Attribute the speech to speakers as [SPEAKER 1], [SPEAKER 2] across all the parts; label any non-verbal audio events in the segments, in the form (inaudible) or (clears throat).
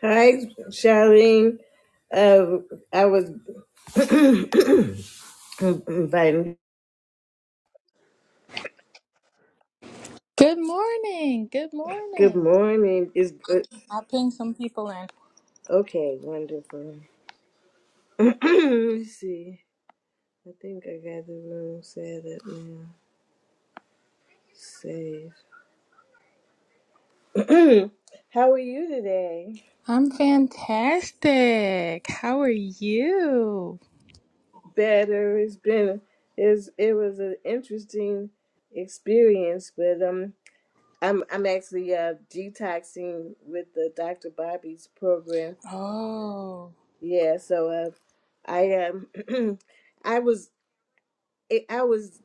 [SPEAKER 1] Hi, Charlene. Uh, I was (coughs) inviting.
[SPEAKER 2] Good morning. Good
[SPEAKER 1] Good
[SPEAKER 2] morning.
[SPEAKER 1] morning. Is good.
[SPEAKER 2] I'll ping some people in.
[SPEAKER 1] Okay, wonderful. (coughs) Let me see. I think I got the room set up now. Save. (coughs) How are you today?
[SPEAKER 2] I'm fantastic. How are you?
[SPEAKER 1] Better. It's been. It's, it was an interesting experience, but um, I'm I'm actually uh, detoxing with the Dr. Bobby's program
[SPEAKER 2] Oh.
[SPEAKER 1] Yeah, so uh, I um, (clears throat) I was eh, I was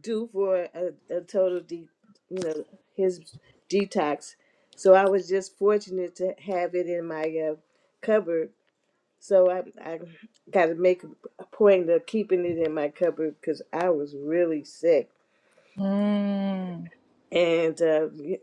[SPEAKER 1] due for a, a total de you know his detox, so I was just fortunate to have it in my uh, cupboard. So I I got to make a point of keeping it in my cupboard because I was really sick,
[SPEAKER 2] Mm.
[SPEAKER 1] and uh, y-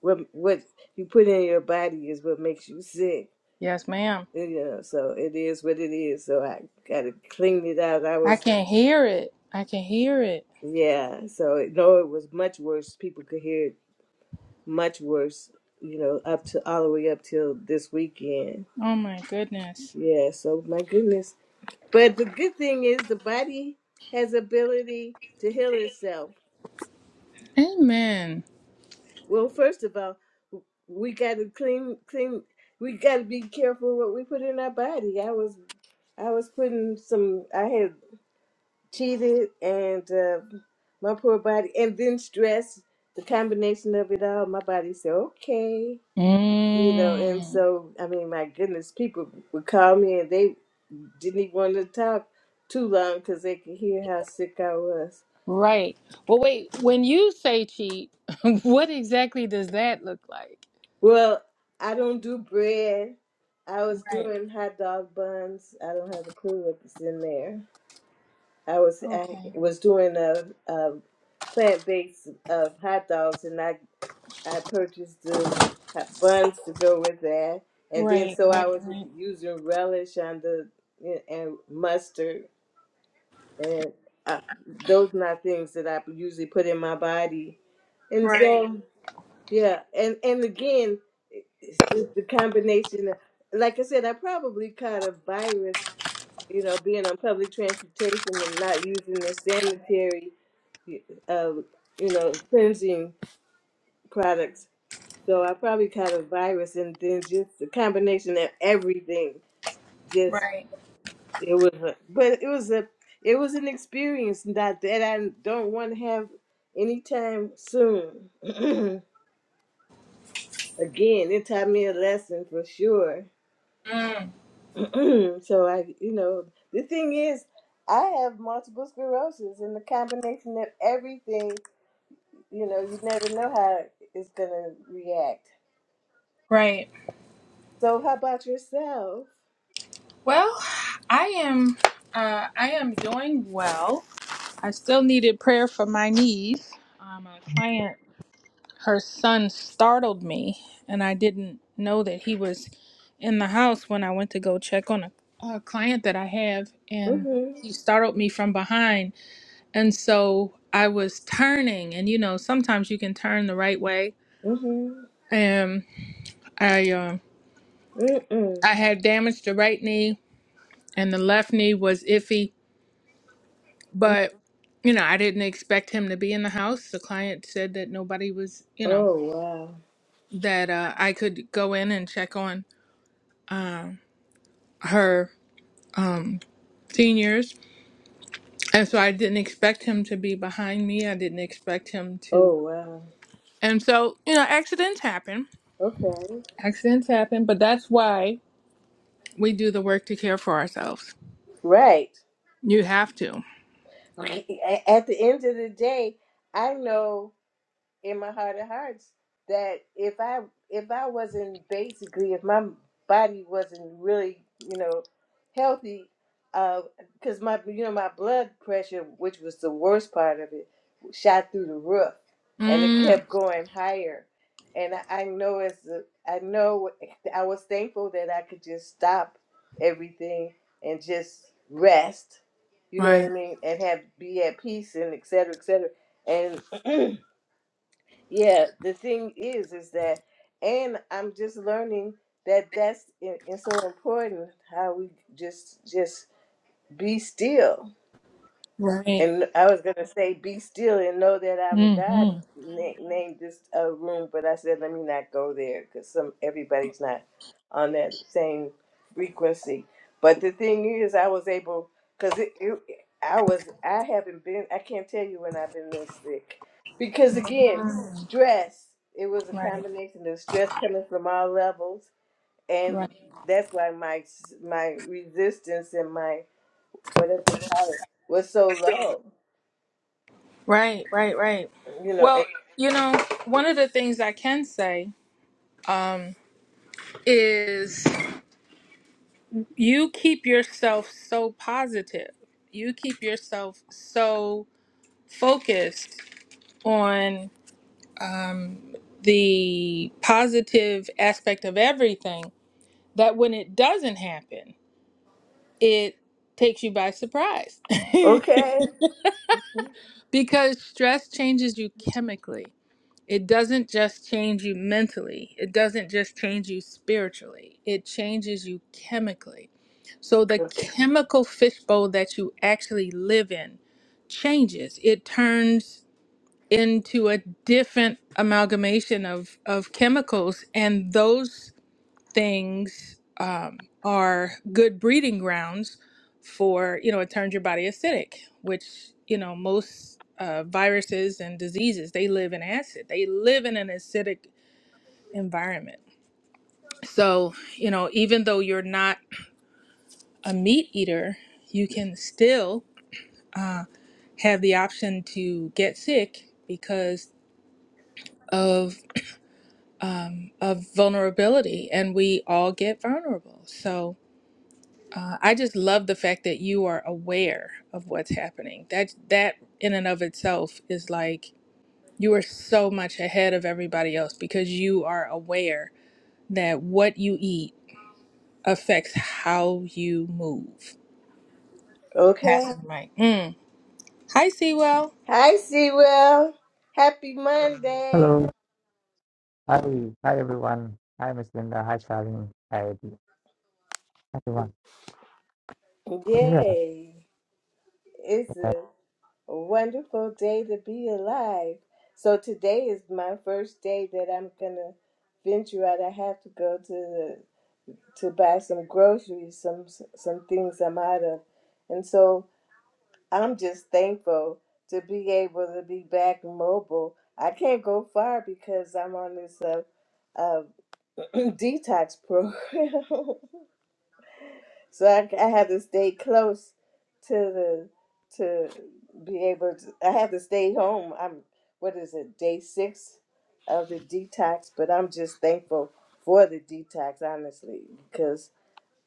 [SPEAKER 1] what what you put in your body is what makes you sick.
[SPEAKER 2] Yes, ma'am.
[SPEAKER 1] You know, so it is what it is. So I got to clean it out. I
[SPEAKER 2] I
[SPEAKER 1] was
[SPEAKER 2] can hear it. I can hear it.
[SPEAKER 1] Yeah, so though it was much worse, people could hear it much worse, you know, up to all the way up till this weekend.
[SPEAKER 2] Oh my goodness.
[SPEAKER 1] Yeah, so my goodness. But the good thing is the body has ability to heal itself.
[SPEAKER 2] Amen.
[SPEAKER 1] Well, first of all, we got to clean clean we got to be careful what we put in our body. I was I was putting some I had cheated and uh, my poor body and then stress, the combination of it all, my body said, "Okay." You know, and
[SPEAKER 2] Mm.
[SPEAKER 1] so I mean, my goodness, people would call me and they didn't even want to talk too long because they could hear how sick I was.
[SPEAKER 2] Right. Well, wait. When you say cheat, (laughs) what exactly does that look like?
[SPEAKER 1] Well, I don't do bread. I was
[SPEAKER 2] Right.
[SPEAKER 1] doing hot dog buns. I don't have a clue what is in there. I was I
[SPEAKER 2] Okay.
[SPEAKER 1] was doing a, a plant based of hot dogs, and I I purchased the hot buns to go with that, and then
[SPEAKER 2] Right.
[SPEAKER 1] so I
[SPEAKER 2] Right.
[SPEAKER 1] was
[SPEAKER 2] Right.
[SPEAKER 1] using relish on the and mustard and I, those are not things that I usually put in my body. And
[SPEAKER 2] Right.
[SPEAKER 1] so, yeah, and and again, it- it's just the combination. Of, like I said, I probably caught a virus, you know, being on public transportation and not using the sanitary, uh, you know, cleansing products. So I probably caught a virus, and then just the combination of everything
[SPEAKER 2] Right.
[SPEAKER 1] It was, a, but it was a, it was an experience that that I don't want to have anytime soon. (clears throat) Again, it taught me a lesson for sure.
[SPEAKER 2] Mm.
[SPEAKER 1] (clears throat) so I, you know, the thing is, I have multiple sclerosis, and the combination of everything, you know, you never know how it's gonna react.
[SPEAKER 2] Right.
[SPEAKER 1] So how about yourself?
[SPEAKER 2] Well, I am uh, I am doing well. I still needed prayer for my knees. Um, a client, her son startled me, and I didn't know that he was in the house when I went to go check on a, a client that I have, and
[SPEAKER 1] Mhm.
[SPEAKER 2] he startled me from behind, and so I was turning, and you know sometimes you can turn the right way,
[SPEAKER 1] Mhm.
[SPEAKER 2] and I um
[SPEAKER 1] Mm. Mm.
[SPEAKER 2] I had damaged the right knee, and the left knee was iffy But, you know, I didn't expect him to be in the house. The client said that nobody was, you know,
[SPEAKER 1] Oh wow.
[SPEAKER 2] that uh, I could go in and check on her um, seniors. And so I didn't expect him to be behind me. I didn't expect him to.
[SPEAKER 1] Oh wow.
[SPEAKER 2] And so, you know, accidents happen.
[SPEAKER 1] Okay.
[SPEAKER 2] Accidents happen, but that's why we do the work to care for ourselves.
[SPEAKER 1] Right.
[SPEAKER 2] You have to.
[SPEAKER 1] (laughs) at the end of the day, I know in my heart of hearts that if I if I wasn't basically if my body wasn't really you know healthy, because my you know my blood pressure, which was the worst part of it, shot through the roof, and it
[SPEAKER 2] Mm,
[SPEAKER 1] kept going higher. And I, I know as a- I know I was thankful that I could just stop everything and just rest. You know what I
[SPEAKER 2] right.
[SPEAKER 1] mean, and have be at peace and et cetera, et cetera. And (clears throat) Yeah, the thing is, is that, and I'm just learning that that's and and so important how we just just be still
[SPEAKER 2] Right.
[SPEAKER 1] and I was gonna say, "Be still and know that I'm God."
[SPEAKER 2] Mm-hmm.
[SPEAKER 1] Na- named this uh, room, but I said, "Let me not go there because some everybody's not on that same frequency." But the thing is, I was able because it, it, I was, I haven't been, I can't tell you when I've been this sick because again, stress. It was a
[SPEAKER 2] Right.
[SPEAKER 1] combination of stress coming from all levels,
[SPEAKER 2] Right.
[SPEAKER 1] and that's why my my resistance and my whatever you call it was so low
[SPEAKER 2] Right, right, right.
[SPEAKER 1] You know,
[SPEAKER 2] Well,
[SPEAKER 1] and,
[SPEAKER 2] you know, one of the things I can say um, is you keep yourself so positive. You keep yourself so focused on um, the positive aspect of everything that when it doesn't happen, it takes you by surprise (laughs)
[SPEAKER 1] Okay.
[SPEAKER 2] because stress changes you chemically. It doesn't just change you mentally, it doesn't just change you spiritually, it changes you chemically. So, the chemical fishbowl that you actually live in changes, it turns into a different amalgamation of, of chemicals, and those things um, are good breeding grounds for you know it turns your body acidic which you know most uh, viruses and diseases they live in acid they live in an acidic environment so you know even though you're not a meat eater you can still uh, have the option to get sick because of um, of vulnerability and we all get vulnerable so Uh, I just love the fact that you are aware of what's happening. That that in and of itself is like you are so much ahead of everybody else because you are aware that what you eat affects how you move.
[SPEAKER 1] okay.
[SPEAKER 2] Passing the mic. Mm. Hi, Sewell.
[SPEAKER 1] Hi, Sewell. Happy Monday.
[SPEAKER 3] Hello. Hi. Hi, everyone. Hi, Miss Linda. Hi, Charlene. Hi, Eddie. Hi, everyone. Um, yeah.
[SPEAKER 1] Yay. It's
[SPEAKER 3] that's
[SPEAKER 1] a wonderful day to be alive. So today is my first day that I'm going to venture out. I have to go to the, to buy some groceries, some some things I'm out of. And so I'm just thankful to be able to be back mobile. I can't go far because I'm on this uh, uh, (laughs) detox program. (laughs) so I, I had to stay close to the to be able to. I had to stay home. I'm what is it day six of the detox, but I'm just thankful for the detox honestly because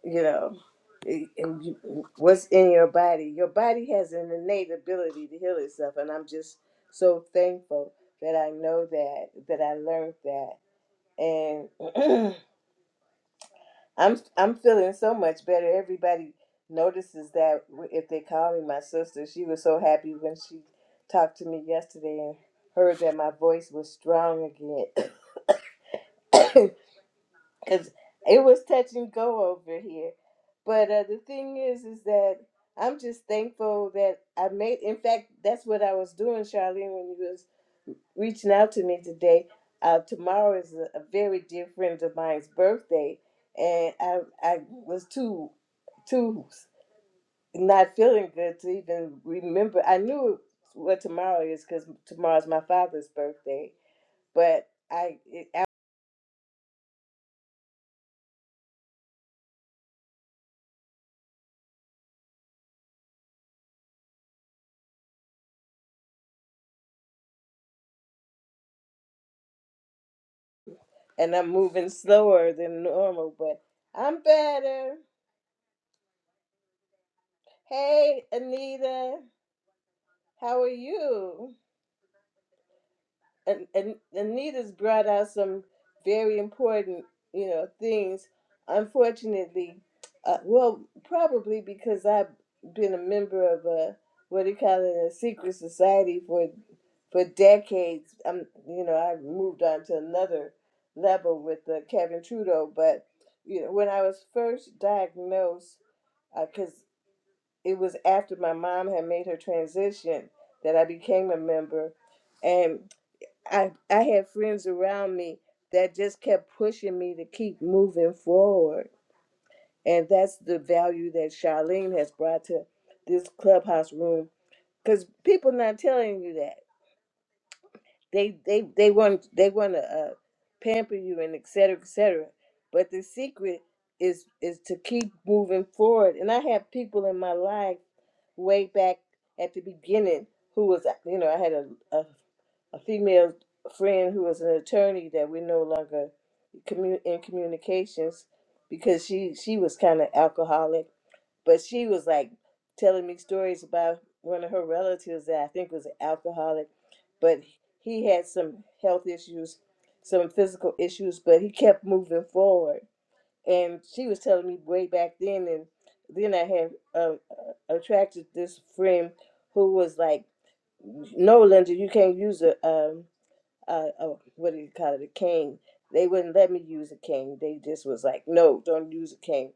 [SPEAKER 1] you know. it- and you- What's in your body? Your body has an innate ability to heal itself, and I'm just so thankful that I know that, that I learned that, and (clears throat) I'm I'm feeling so much better. Everybody notices that w- if they call me my sister, she was so happy when she talked to me yesterday and heard that my voice was strong again, (coughs) because it was touch and go over here. But uh, the thing is, is that I'm just thankful that I made. In fact, that's what I was doing, Charlene, when you was reaching out to me today. Uh, tomorrow is a, a very dear friend of mine's birthday, and I I was too too not feeling good to even remember. I knew what tomorrow is because tomorrow's my father's birthday, but I, it, I and I'm moving slower than normal, but I'm better. Hey, Anita, how are you? and, and Anita's brought out some very important, you know, things. Unfortunately, uh, well, probably because I've been a member of a what do you call it, a secret society for for decades. I'm, you know, I moved on to another level with uh, Kevin Trudeau, but you know, when I was first diagnosed, because it was after my mom had made her transition that I became a member, and I I had friends around me that just kept pushing me to keep moving forward, and that's the value that Charlene has brought to this clubhouse room. Because people not telling you that they they they want they want to uh, pamper you and et cetera et cetera, but the secret is is to keep moving forward. And I have people in my life way back at the beginning who was you know i had a, a, a female friend who was an attorney that we're no longer commu- in communications because she she was kind of alcoholic but she was like telling me stories about one of her relatives that i think was an alcoholic but he had some health issues some physical issues but he kept moving forward and she was telling me way back then and then i had uh, uh, attracted this friend who was like no linda you can't use a um a uh what do you call it a cane they wouldn't let me use a cane they just was like no don't use a cane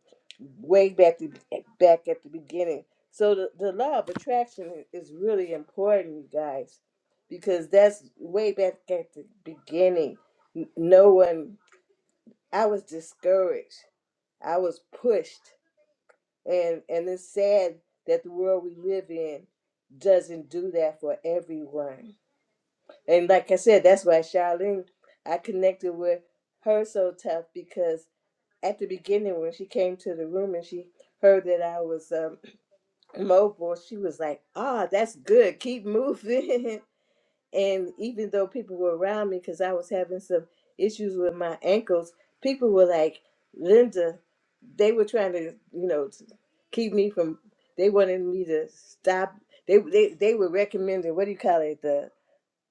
[SPEAKER 1] way back to, back at the beginning so the, the law of attraction is really important you guys because that's way back at the beginning N- no one i was discouraged I was pushed, and and it's sad that the world we live in doesn't do that for everyone. And like I said, that's why Charlene, I connected with her so tough because at the beginning when she came to the room and she heard that I was um, (clears throat) mobile, she was like, "Ah, oh, that's good. Keep moving." (laughs) And even though people were around me, because I was having some issues with my ankles, people were like, Linda, they were trying to, you know, t- keep me from, they wanted me to stop. They, they, they were recommending, what do you call it, the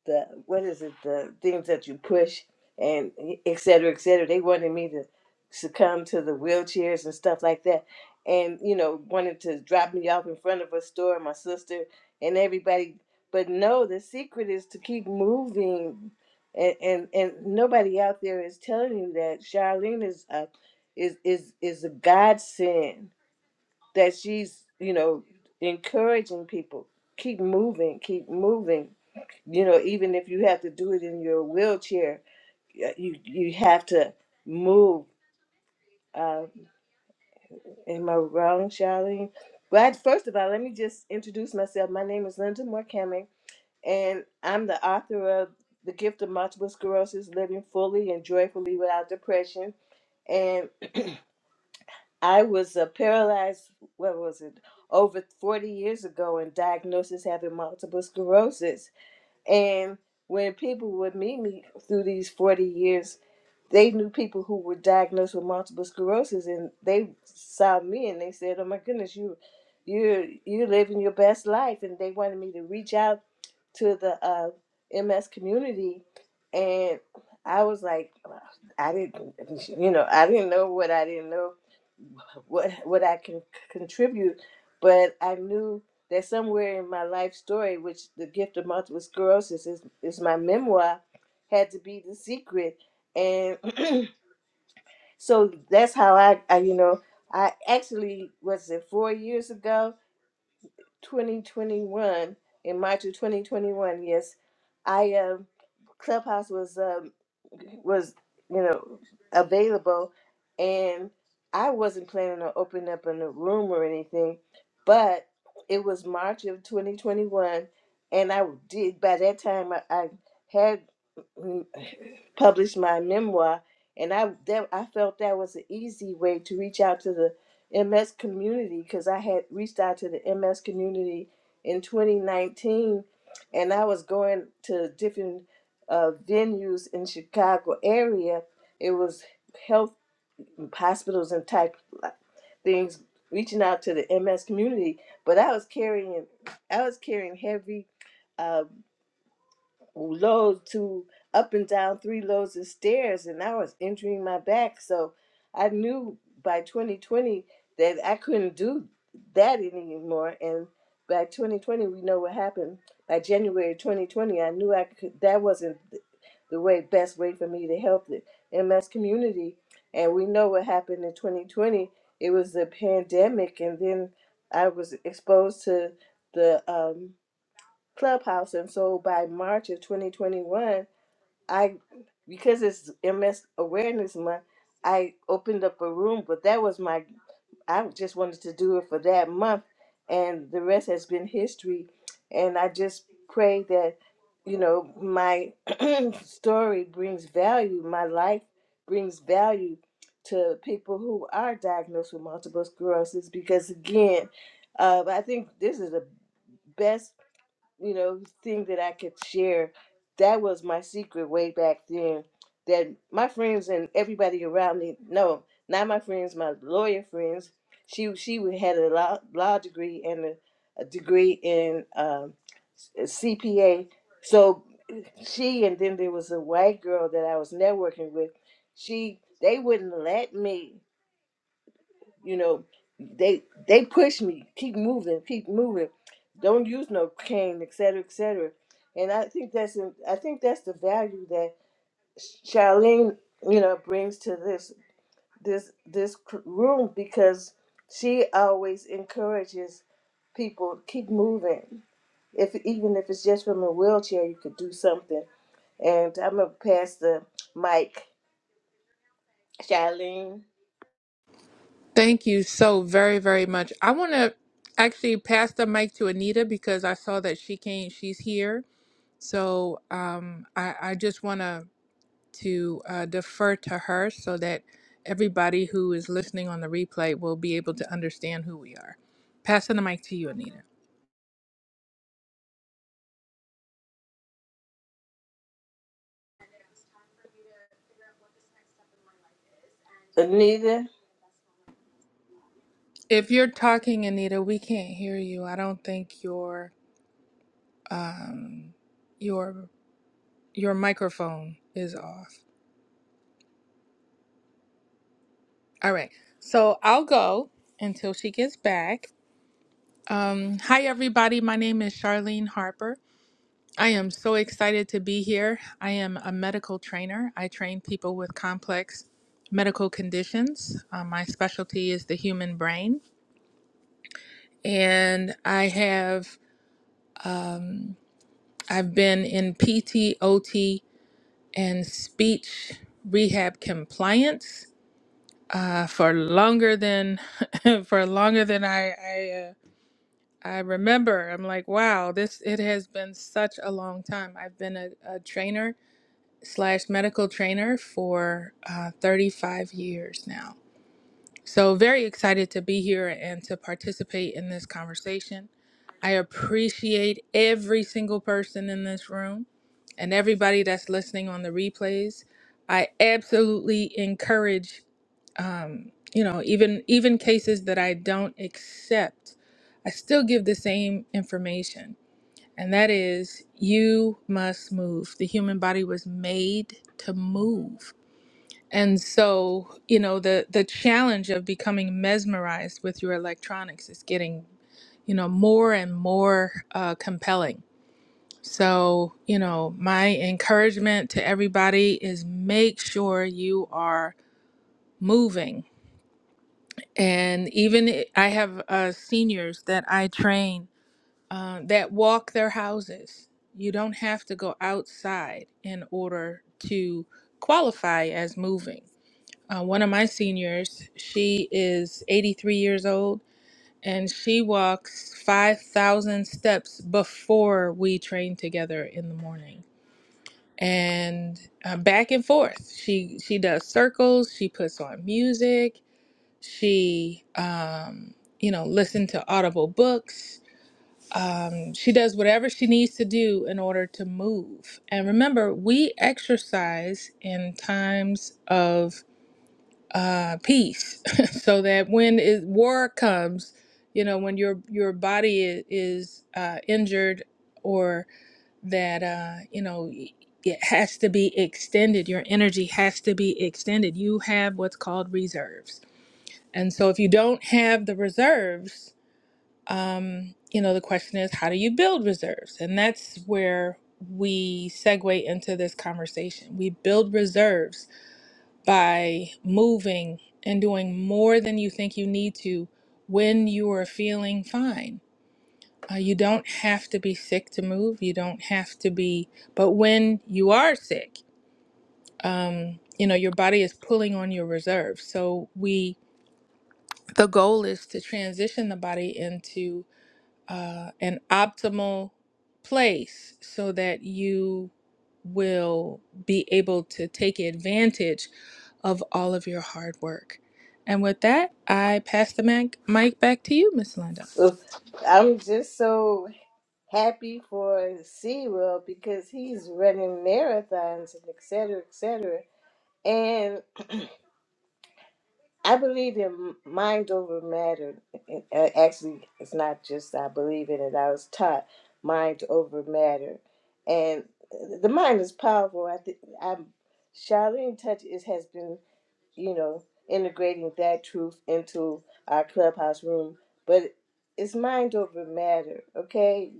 [SPEAKER 1] the what is it the things that you push and e, et cetera, et cetera. They wanted me to succumb to the wheelchairs and stuff like that, and you know wanted to drop me off in front of a store. My sister and everybody, but no, the secret is to keep moving, and and, and nobody out there is telling you that Charlene is a is is is a godsend that she's you know encouraging people keep moving keep moving you know even if you have to do it in your wheelchair y- you you have to move uh am i wrong charlene but first of all let me just introduce myself my name is linda Morecambe, and i'm the author of the gift of multiple sclerosis living fully and joyfully without depression I was uh, paralyzed, what was it, over 40 years ago and diagnosed as having multiple sclerosis. And when people would meet me through these 40 years, they knew people who were diagnosed with multiple sclerosis and they saw me and they said, Oh my goodness, you you're you're living your best life and they wanted me to reach out to the uh, MS community and I was like I didn't you know, I didn't know what I didn't know what what I can c- contribute, but I knew that somewhere in my life story, which the gift of multiple sclerosis is, is my memoir, had to be the secret, and (clears throat) so that's how I, I you know I actually was it four years ago, twenty twenty one in March of twenty twenty one. Yes, I um, Clubhouse was. um was you know available and i wasn't planning on opening up in a new room or anything but it was march of 2021 and i did by that time i, I had mm, (sighs) published my memoir and i that, i felt that was an easy way to reach out to the ms community because i had reached out to the ms community in 2019 and i was going to different uh, venues in Chicago area. It was health hospitals and type like, things reaching out to the MS community. But I was carrying I was carrying heavy uh, loads to up and down three loads of stairs and I was injuring my back. So I knew by 2020 that I couldn't do that anymore. And by 2020, we know what happened. By January 2020, I knew I could, that wasn't the way best way for me to help the MS community. And we know what happened in 2020. It was the pandemic, and then I was exposed to the um, Clubhouse. And so by March of 2021, I, because it's MS Awareness Month, I opened up a room, but that was my, I just wanted to do it for that month. And the rest has been history. And I just pray that, you know, my (clears throat) story brings value, my life brings value to people who are diagnosed with multiple sclerosis because, again, uh, I think this is the best you know, thing that I could share. That was my secret way back then. That my friends and everybody around me, no, not my friends, my lawyer friends. She she w- had a law, law degree and a, a degree in um, s- CPA. So she and then there was a white girl that I was networking with. She they wouldn't let me you know, they they push me, keep moving, keep moving. Don't use no cane, et cetera, et cetera. And I think that's a- I think that's the value that Charlene, you know, brings to this this this cr- room because she always encourages people to keep moving. If even if it's just from a wheelchair, you could do something. And I'm gonna pass the mic, Charlene,
[SPEAKER 2] Thank you so very very much. I want to actually pass the mic to Anita because I saw that she came. She's here. So um, I I just want to to uh, defer to her so that everybody who is listening on the replay will be able to understand who we are. Passing the mic to you, Anita.
[SPEAKER 1] Anita.
[SPEAKER 2] If you're talking, Anita, we can't hear you. I don't think your um, your your microphone is off. All right, so I'll go until she gets back. Um, hi, everybody. My name is Charlene Harper. I am so excited to be here. I am a medical trainer. I train people with complex medical conditions. Uh, my specialty is the human brain, and I have um, I've been in P T O T and speech rehab compliance uh, for longer than (laughs) for longer than I I, uh, I remember. I'm like, wow, this it has been such a long time. I've been a, a trainer slash medical trainer for uh, 35 years now. So, very excited to be here and to participate in this conversation. I appreciate every single person in this room and everybody that's listening on the replays. I absolutely encourage, um, you know, even even cases that I don't accept, I still give the same information and that is you must move. The human body was made to move. And so, you know, the the challenge of becoming mesmerized with your electronics is getting, you know, more and more uh, compelling. So, you know, my encouragement to everybody is make sure you are moving. And even I I have uh, seniors that I train uh, that walk their houses. You don't have to go outside in order to qualify as moving. Uh, one of my seniors, she is 83 years old and she walks 5,000 steps before we train together in the morning. And uh, back and forth, she she does circles. She puts on music. She um, you know listen to audible books um, she does whatever she needs to do in order to move. And remember, we exercise in times of uh, peace, (laughs) so that when it, war comes, you know, when your your body is, is uh, injured, or that uh, you know it has to be extended, your energy has to be extended. You have what's called reserves, and so if you don't have the reserves um, you know, the question is how do you build reserves? And that's where we segue into this conversation. We build reserves by moving and doing more than you think you need to when you are feeling fine. Uh, you don't have to be sick to move. You don't have to be, but when you are sick, um, you know, your body is pulling on your reserves. So we, the goal is to transition the body into uh, an optimal place so that you will be able to take advantage of all of your hard work. And with that, I pass the mic, mic back to you, Miss Linda.
[SPEAKER 1] Ugh, I'm just so happy for SeaWorld because he's running marathons and et cetera, et cetera. And I believe in mind over matter. And, uh, Actually, it's not just I believe in it, I was taught mind over matter. And the mind is powerful. I think I'm, Charlene Touch is, has been you know, integrating that truth into our clubhouse room. But it's mind over matter, okay?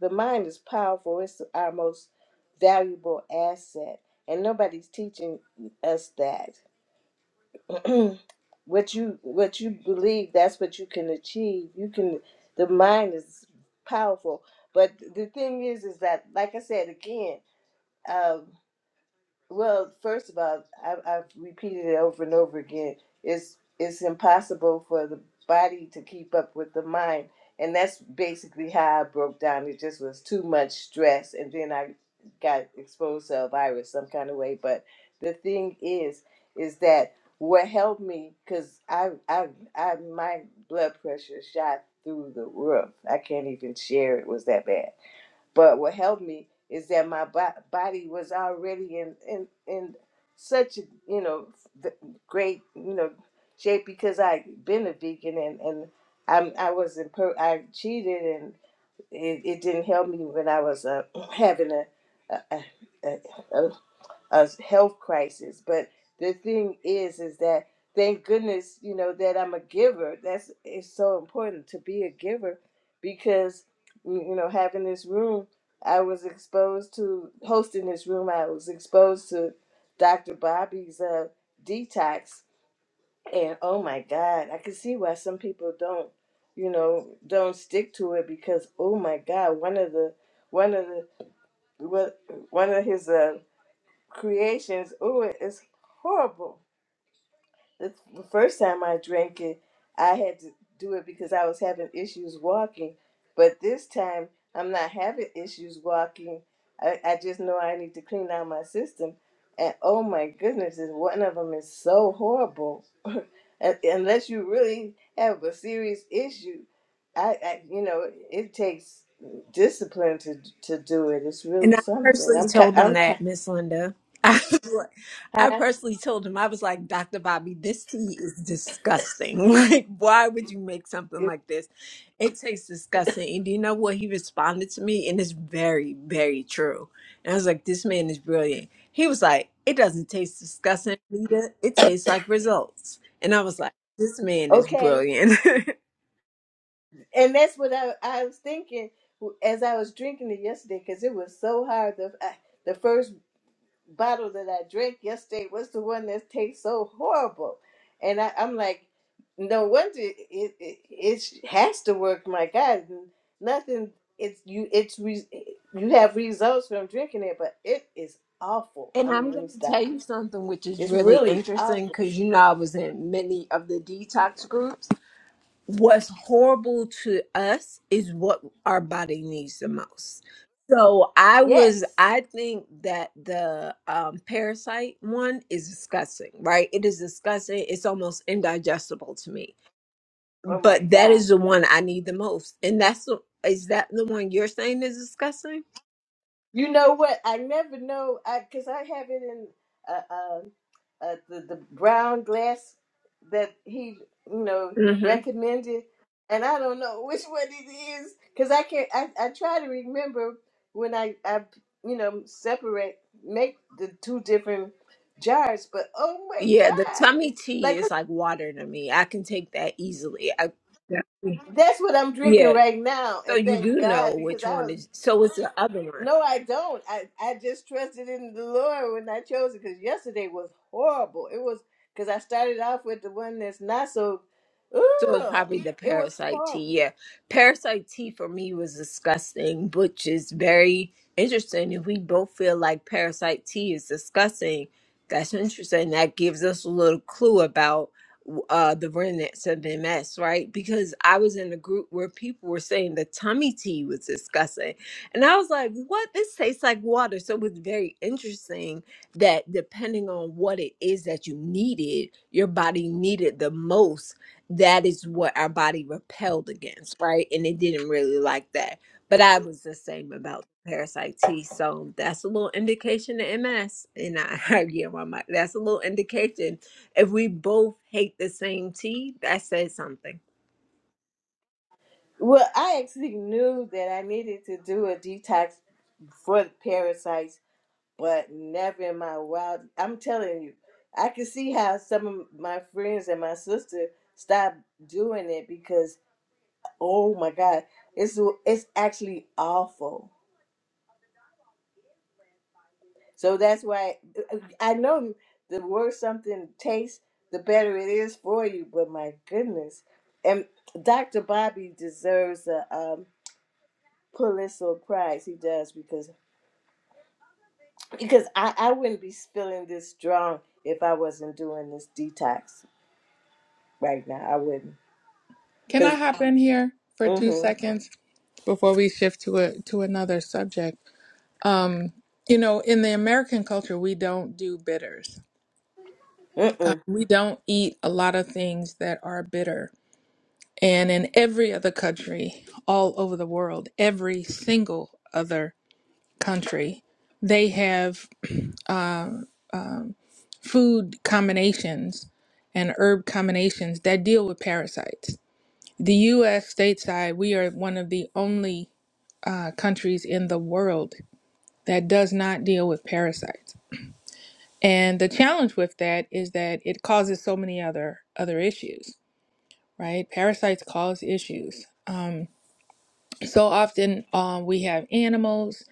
[SPEAKER 1] The mind is powerful, it's our most valuable asset. And nobody's teaching us that. (clears throat) what you what you believe, that's what you can achieve. You can the mind is powerful. But the thing is is that like I said again, uh, well, first of all, I, I've repeated it over and over again. It's it's impossible for the body to keep up with the mind, and that's basically how I broke down. It just was too much stress, and then I got exposed to a virus some kind of way. But the thing is, is that what helped me because I, I I my blood pressure shot through the roof. I can't even share it was that bad but what helped me is that my bo- body was already in in in such a you know th- great you know shape because I'd been a vegan and and I'm, I wasn't per- I cheated and it, it didn't help me when I was uh, (clears throat) having a a, a, a health crisis. But the thing is, is that thank goodness, you know, that I'm a giver. That's it's so important to be a giver because you you know, having this room, I was exposed to hosting this room. I was exposed to Dr. Bobby's uh, detox, and oh my God, I can see why some people don't, you know, don't stick to it because oh my God, one of the one of the one one of his uh, creations. oh, it's horrible. It's the first time I drank it, I had to do it because I was having issues walking. But this time, I'm not having issues walking. I, I just know I need to clean out my system. And oh my goodness, is one of them is so horrible. (laughs) Un- Unless you really have a serious issue, I, I you know it takes discipline to to do it. It's
[SPEAKER 4] And
[SPEAKER 1] really
[SPEAKER 4] I
[SPEAKER 1] something.
[SPEAKER 4] personally
[SPEAKER 1] I'm ki-
[SPEAKER 4] told him
[SPEAKER 1] I'm
[SPEAKER 4] that,
[SPEAKER 1] ki-
[SPEAKER 4] Miss Linda. (laughs) I, was like- I personally told him, I was like, Dr. Bobby, this tea is disgusting. (laughs) Like, why would you make something like this? It tastes disgusting. And do you know what? He responded to me, and it's very, very true. And I was like, this man is brilliant. He was like, it doesn't taste disgusting, Lita. It tastes like results. And I was like, this man is
[SPEAKER 1] okay.
[SPEAKER 4] brilliant. (laughs)
[SPEAKER 1] and that's what I, I was thinking as I was drinking it yesterday because it was so hard. The I, the first bottle that I drank yesterday was the one that tastes so horrible, and I, I'm like, no wonder it it, it it has to work. My God, nothing. It's you. It's re, you have results from drinking it, but it is awful. I
[SPEAKER 4] And
[SPEAKER 1] mean,
[SPEAKER 4] I'm
[SPEAKER 1] let me
[SPEAKER 4] going to tell
[SPEAKER 1] stop.
[SPEAKER 4] you something which is
[SPEAKER 1] It's
[SPEAKER 4] really
[SPEAKER 1] really
[SPEAKER 4] interesting
[SPEAKER 1] awful.
[SPEAKER 4] because you know I was in many of the detox groups. What's horrible to us is what our body needs the most. So I was,
[SPEAKER 1] Yes.
[SPEAKER 4] I think that the um, parasite one is disgusting, right? It is disgusting. It's almost indigestible to me.
[SPEAKER 1] Oh my
[SPEAKER 4] But that
[SPEAKER 1] God.
[SPEAKER 4] is the one I need the most, and that's the, is that the one you're saying is disgusting?
[SPEAKER 1] You know what? I never know I because I have it in uh, uh, uh, the the brown glass that he you know
[SPEAKER 4] Mm-hmm.
[SPEAKER 1] recommended, and I don't know (laughs) which one it is because I can't. I, I try to remember when I I you know separate make the two different jars, but oh my
[SPEAKER 4] Yeah, the tummy
[SPEAKER 1] god,
[SPEAKER 4] tea
[SPEAKER 1] like
[SPEAKER 4] is like water to me. I can take that easily. I, yeah.
[SPEAKER 1] that's what I'm drinking
[SPEAKER 4] Yeah.
[SPEAKER 1] right now,
[SPEAKER 4] So
[SPEAKER 1] and
[SPEAKER 4] you
[SPEAKER 1] thank
[SPEAKER 4] do
[SPEAKER 1] God
[SPEAKER 4] know
[SPEAKER 1] because
[SPEAKER 4] which
[SPEAKER 1] I
[SPEAKER 4] one
[SPEAKER 1] was
[SPEAKER 4] is. So it's the other one.
[SPEAKER 1] No, I don't. I, I just trusted in the Lord when I chose it because yesterday was horrible. It was because I started off with the one that's not so.
[SPEAKER 4] So it's
[SPEAKER 1] Ugh,
[SPEAKER 4] probably the
[SPEAKER 1] it was
[SPEAKER 4] parasite
[SPEAKER 1] horrible.
[SPEAKER 4] tea. Yeah. Parasite tea for me was disgusting, which is very interesting. If we both feel like parasite tea is disgusting, that's interesting. That gives us a little clue about uh, the remnants of MS, right? Because I was in a group where people were saying the tummy tea was disgusting. And I was like, what? This tastes like water. So it was very interesting that depending on what it is that you needed, your body needed the most that is what our body repelled against, right? And it didn't really like that. But I was the same about parasite T. So that's a little indication to MS. And I, (laughs) I yeah, my mic. That's a little indication. If we both hate the same tea, that says something.
[SPEAKER 1] Well, I actually knew that I needed to do a detox for the parasites, but never in my wild. I'm telling you, I can see how some of my friends and my sister stopped doing it because, oh my God, it's it's actually awful. So that's why uh, I know the worse something tastes, the better it is for you. But my goodness, and Dr. Bobby deserves a um, Pulitzer Prize. He does because because I, I wouldn't be spilling this strong if I wasn't doing this detox right now. I wouldn't
[SPEAKER 2] Can I
[SPEAKER 1] because
[SPEAKER 2] hop in here for two
[SPEAKER 1] mm-hmm,
[SPEAKER 2] seconds before we shift to a to another subject? Um, you know, in the American culture, we don't do bitters.
[SPEAKER 1] mm-mm.
[SPEAKER 2] We don't eat a lot of things that are bitter And in every other country all over the world, every single other country, they have (clears throat) uh, um, food combinations and herb combinations that deal with parasites. The US stateside, we are one of the only uh, countries in the world that does not deal with parasites. And the challenge with that is that it causes so many other other issues, right? Parasites cause issues. Um, So often um, we have animals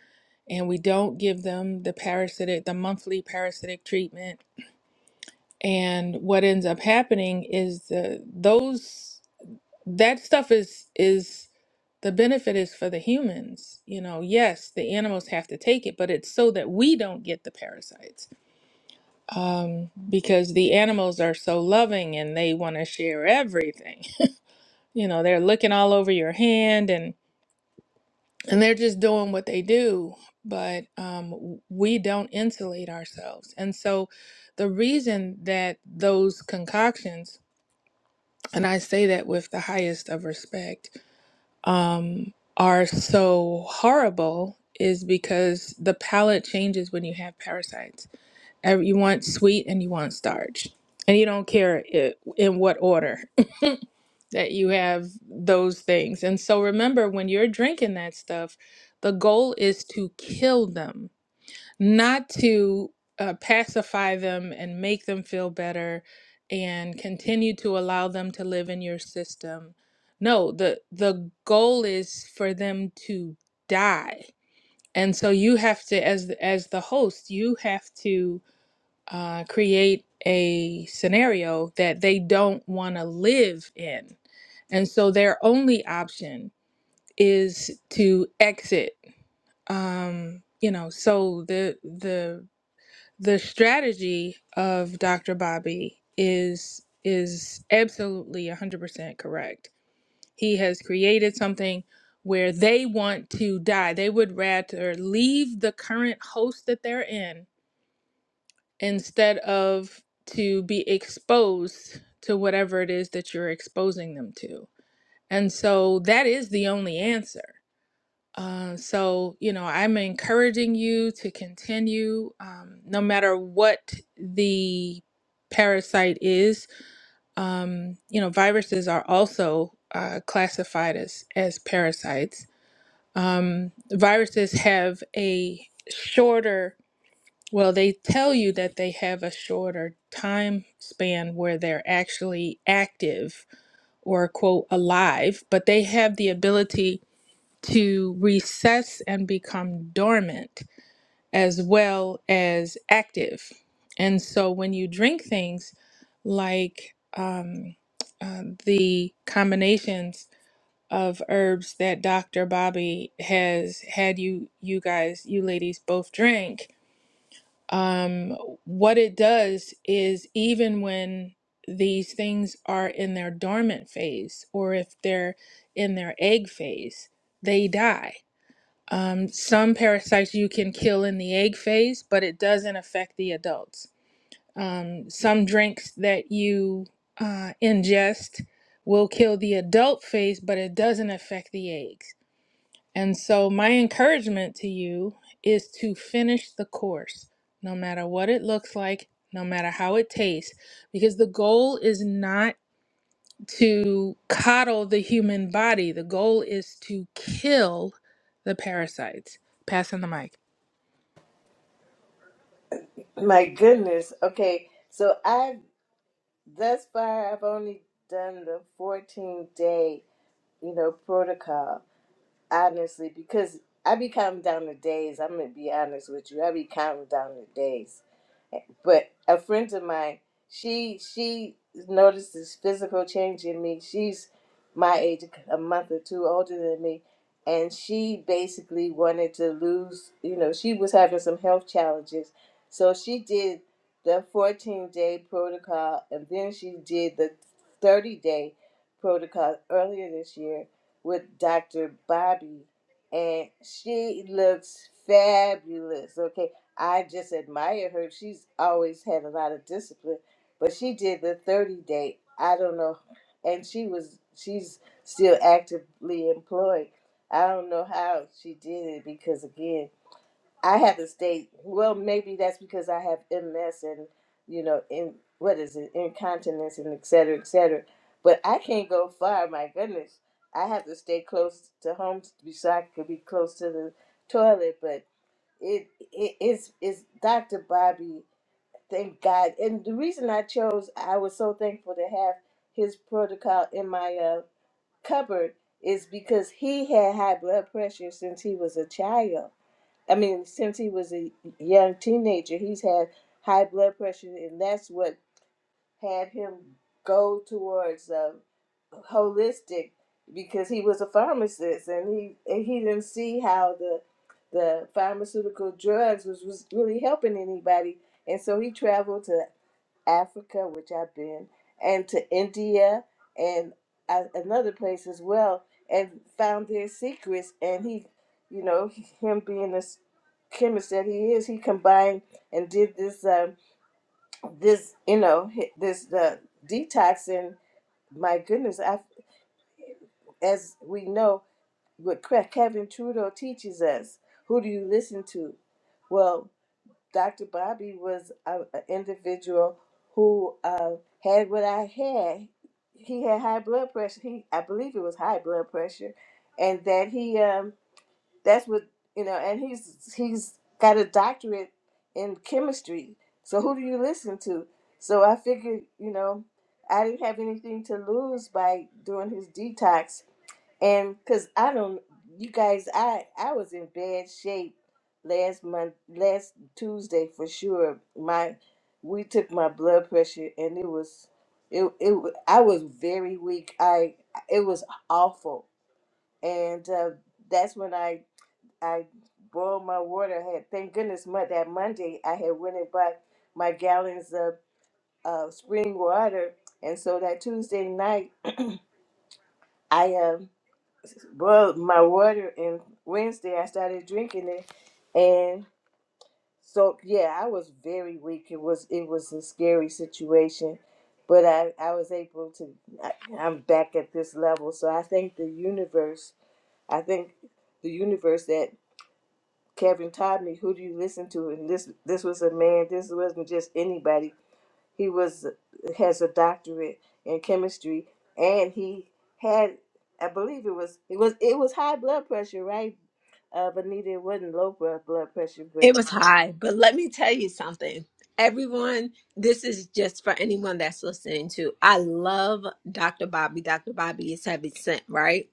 [SPEAKER 2] and we don't give them the parasitic, the monthly parasitic treatment. And what ends up happening is the those that stuff is is the benefit is for the humans. You know, yes, the animals have to take it, but it's so that we don't get the parasites. Um, because the animals are so loving and they want to share everything. (laughs) You know, they're looking all over your hand and. and they're just doing what they do but um, w- we don't insulate ourselves and so the reason that those concoctions and i say that with the highest of respect um, are so horrible is because the palate changes when you have parasites Ev- you want sweet and you want starch and you don't care i in what order that you have those things. And so remember, when you're drinking that stuff, the goal is to kill them, not to uh, pacify them and make them feel better and continue to allow them to live in your system. No, the the goal is for them to die. And so you have to, as as the host, you have to uh, create a scenario that they don't want to live in and so their only option is to exit. Um, you know, so the the the strategy of Dr. Bobby is is absolutely 100% correct. He has created something where they want to die. They would rather leave the current host that they're in instead of to be exposed to whatever it is that you're exposing them to. And so that is the only answer. Uh, so, you know, I'm encouraging you to continue um, no matter what the parasite is. Um, you know, viruses are also uh, classified as, as parasites. Um, viruses have a shorter, well, they tell you that they have a shorter time span where they're actually active or, quote, alive, but they have the ability to recess and become dormant as well as active. And so when you drink things like um, uh, the combinations of herbs that Dr. Bobby has had you, you guys, you ladies both drink, um, what it does is even when these things are in their dormant phase or if they're in their egg phase, they die um, some parasites you can kill in the egg phase, but it doesn't affect the adults. Um, some drinks that you uh, ingest will kill the adult phase, but it doesn't affect the eggs. And so, my encouragement to you is to finish the course, no matter what it looks like, no matter how it tastes, because the goal is not to coddle the human body. The goal is to kill the parasites. Passing the mic.
[SPEAKER 1] my goodness. Okay, so I thus far I've only done the 14 day you know protocol honestly because I be counting down the days. I'm gonna be honest with you. I be counting down the days but a friend of mine she she noticed this physical change in me she's my age a month or two older than me and she basically wanted to lose you know she was having some health challenges so she did the 14 day protocol and then she did the 30 day protocol earlier this year with dr bobby and she looks fabulous okay I just admire her. She's always had a lot of discipline, but she did the 30 day. I don't know, and she was she's still actively employed. I don't know how she did it because again, I haven't stayed. Well, maybe that's because I have MS and you know, in what is it, incontinence and et cetera, et cetera. But I can't go far. My goodness, I have to stay close to home so I could be close to the toilet. But it, it's is Dr. Bobby. Thank God. And the reason I chose, I was so thankful to have his protocol in my uh, cupboard, is because he had high blood pressure since he was a child. I mean, since he was a young teenager, he's had high blood pressure, and that's what had him go towards uh, holistic because he was a pharmacist and he and he didn't see how the the pharmaceutical drugs was, was really helping anybody and so he traveled to Africa which I've been and to India and uh, another place as well and found their secrets and he you know him being a chemist that he is he combined and did this um, this you know hi- this uh, detoxing my goodness I as we know, what Cre- Kevin Trudeau teaches us. Who do you listen to? Well, Dr. Bobby was an individual who uh, had what I had. He had high blood pressure. He, I believe, it was high blood pressure, and that he, um, that's what you know. And he's he's got a doctorate in chemistry. So who do you listen to? So I figured, you know, I didn't have anything to lose by doing his detox and because I don't, you guys, I I was in bad shape last month, last Tuesday for sure. My we took my blood pressure and it was it it wa- I was very weak. I it was awful, and uh, that's when I I boiled my water. I had thank goodness my, that Monday I had went and bought my gallons of uh, spring water, and so that Tuesday night. I am. Well, my water and Wednesday I started drinking it, and so yeah, I was very weak. It was it was a scary situation, but I I was able to. I, I'm back at this level, so I thank the universe. I thank the universe that Kevin taught me. Who do you listen to? And this this was a man. This wasn't just anybody. He was has a doctorate in chemistry, and he had I believe it was it was it was high blood pressure, right? Uh, Bonita, it wasn't low blood blood pressure,
[SPEAKER 4] It was high, but let me tell you something. Everyone, this is just for anyone that's listening to. I love Dr. Bobby. Dr. Bobby is heaven sent, right?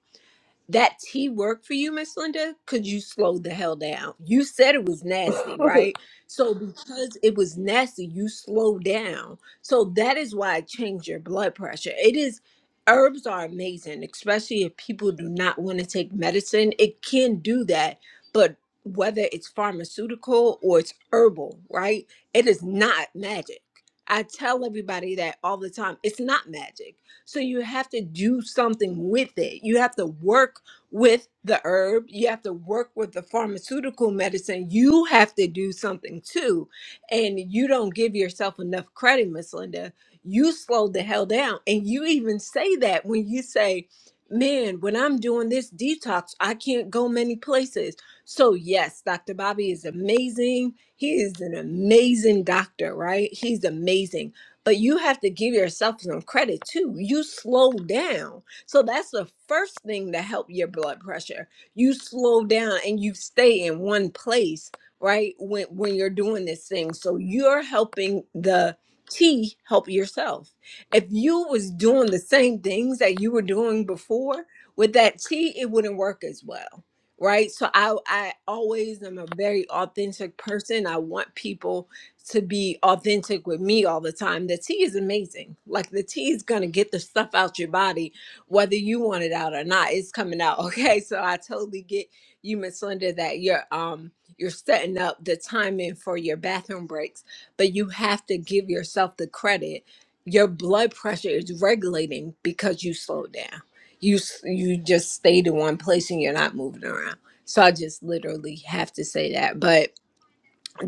[SPEAKER 4] that tea worked for you, Miss Linda? Could you slow the hell down? You said it was nasty,
[SPEAKER 1] but
[SPEAKER 4] right? So because it was nasty, you slowed down. So that is why it changed your blood pressure. It is herbs are amazing, especially if people do not want to take medicine. It can do that, but whether it's pharmaceutical or it's herbal, right? It is not magic. I tell everybody that all the time. It's not magic. So you have to do something with it. You have to work with the herb, you have to work with the pharmaceutical medicine. You have to do something too. And you don't give yourself enough credit, Miss Linda. You slowed the hell down. And you even say that when you say, Man, when I'm doing this detox, I can't go many places. So, yes, Dr. Bobby is amazing. He is an amazing doctor, right? He's amazing. But you have to give yourself some credit too. You slowed down so that's the first thing to help your blood pressure. You slow down and you stay in one place, right? When when you're doing this thing. So you're helping the tea help yourself. If you was doing the same things that you were doing before with that tea, it wouldn't work as well. Right. So I I always am a very authentic person. I want people to be authentic with me all the time. The tea is amazing. Like the tea is gonna get the stuff out your body whether you want it out or not, it's coming out. (laughs) Okay. So I totally get you, Miss Linda, that you're um you're setting up the timing for your bathroom breaks, but you have to give yourself the credit. Your blood pressure is regulating because you slowed down. You s- you just stayed in one place and you're not moving around. So I just literally have to say that. But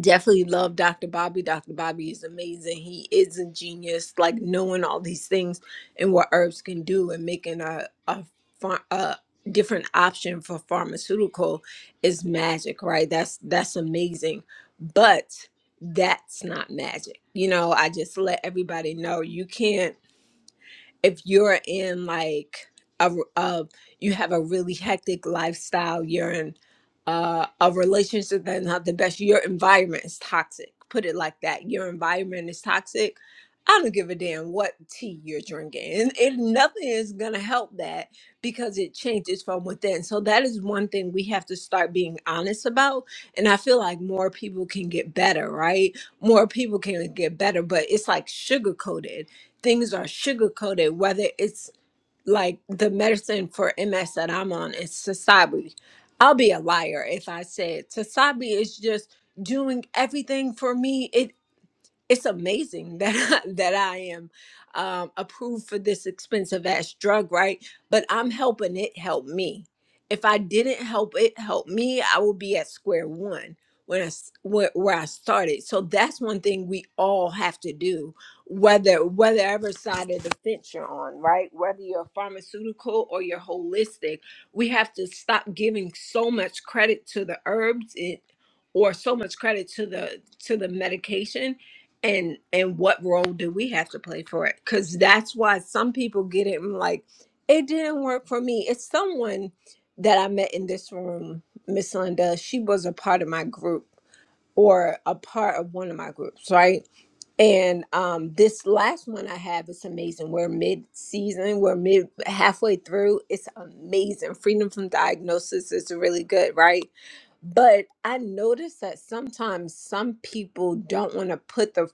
[SPEAKER 4] definitely love Dr. Bobby. Dr. Bobby is amazing. He is a genius, like knowing all these things and what herbs can do and making a a, phar- a different option for pharmaceutical is magic, right? That's that's amazing. But that's not magic. You know, I just let everybody know you can't if you're in like a, a you have a really hectic lifestyle, you're in uh, a relationship that's not the best, your environment is toxic. Put it like that. Your environment is toxic. I don't give a damn what tea you're drinking. And, and nothing is going to help that because it changes from within. So, that is one thing we have to start being honest about. And I feel like more people can get better, right? More people can get better, but it's like sugarcoated things are sugar coated, whether it's like the medicine for MS that I'm on is Sasabi. I'll be a liar if I said Sasabi is just doing everything for me. It it's amazing that (laughs) I, that I am um, approved for this expensive ass drug, right? But I'm helping it help me. If I didn't help it help me, I would be at square one when I s- where, where I started. So that's one thing we all have to do, whether whatever side of the fence you're on, right? Whether you're pharmaceutical or you're holistic, we have to stop giving so much credit to the herbs it, or so much credit to the to the medication and and what role do we have to play for it because that's why some people get it and like it didn't work for me it's someone that i met in this room miss linda she was a part of my group or a part of one of my groups right and um this last one i have is amazing we're mid season we're mid halfway through it's amazing freedom from diagnosis is really good right but i noticed that sometimes some people don't want to put the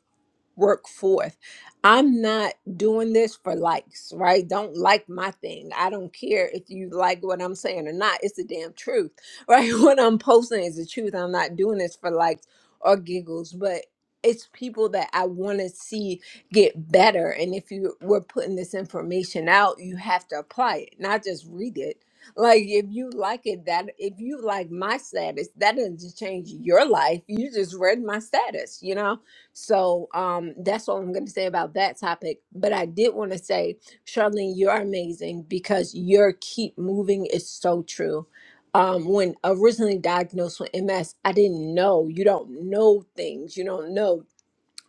[SPEAKER 4] work forth. I'm not doing this for likes, right? Don't like my thing. I don't care if you like what I'm saying or not. It's the damn truth, right? (laughs) What I'm posting is the truth. I'm not doing this for likes or giggles, but it's people that I want to see get better. And if you were putting this information out, you have to apply it, not just read it. Like if you like it, that if you like my status, that doesn't change your life. You just read my status, you know? So um, that's all I'm going to say about that topic. But I did want to say, Charlene, you're amazing because your keep moving is so true. Um, when originally diagnosed with MS, I didn't know. You don't know things. You don't know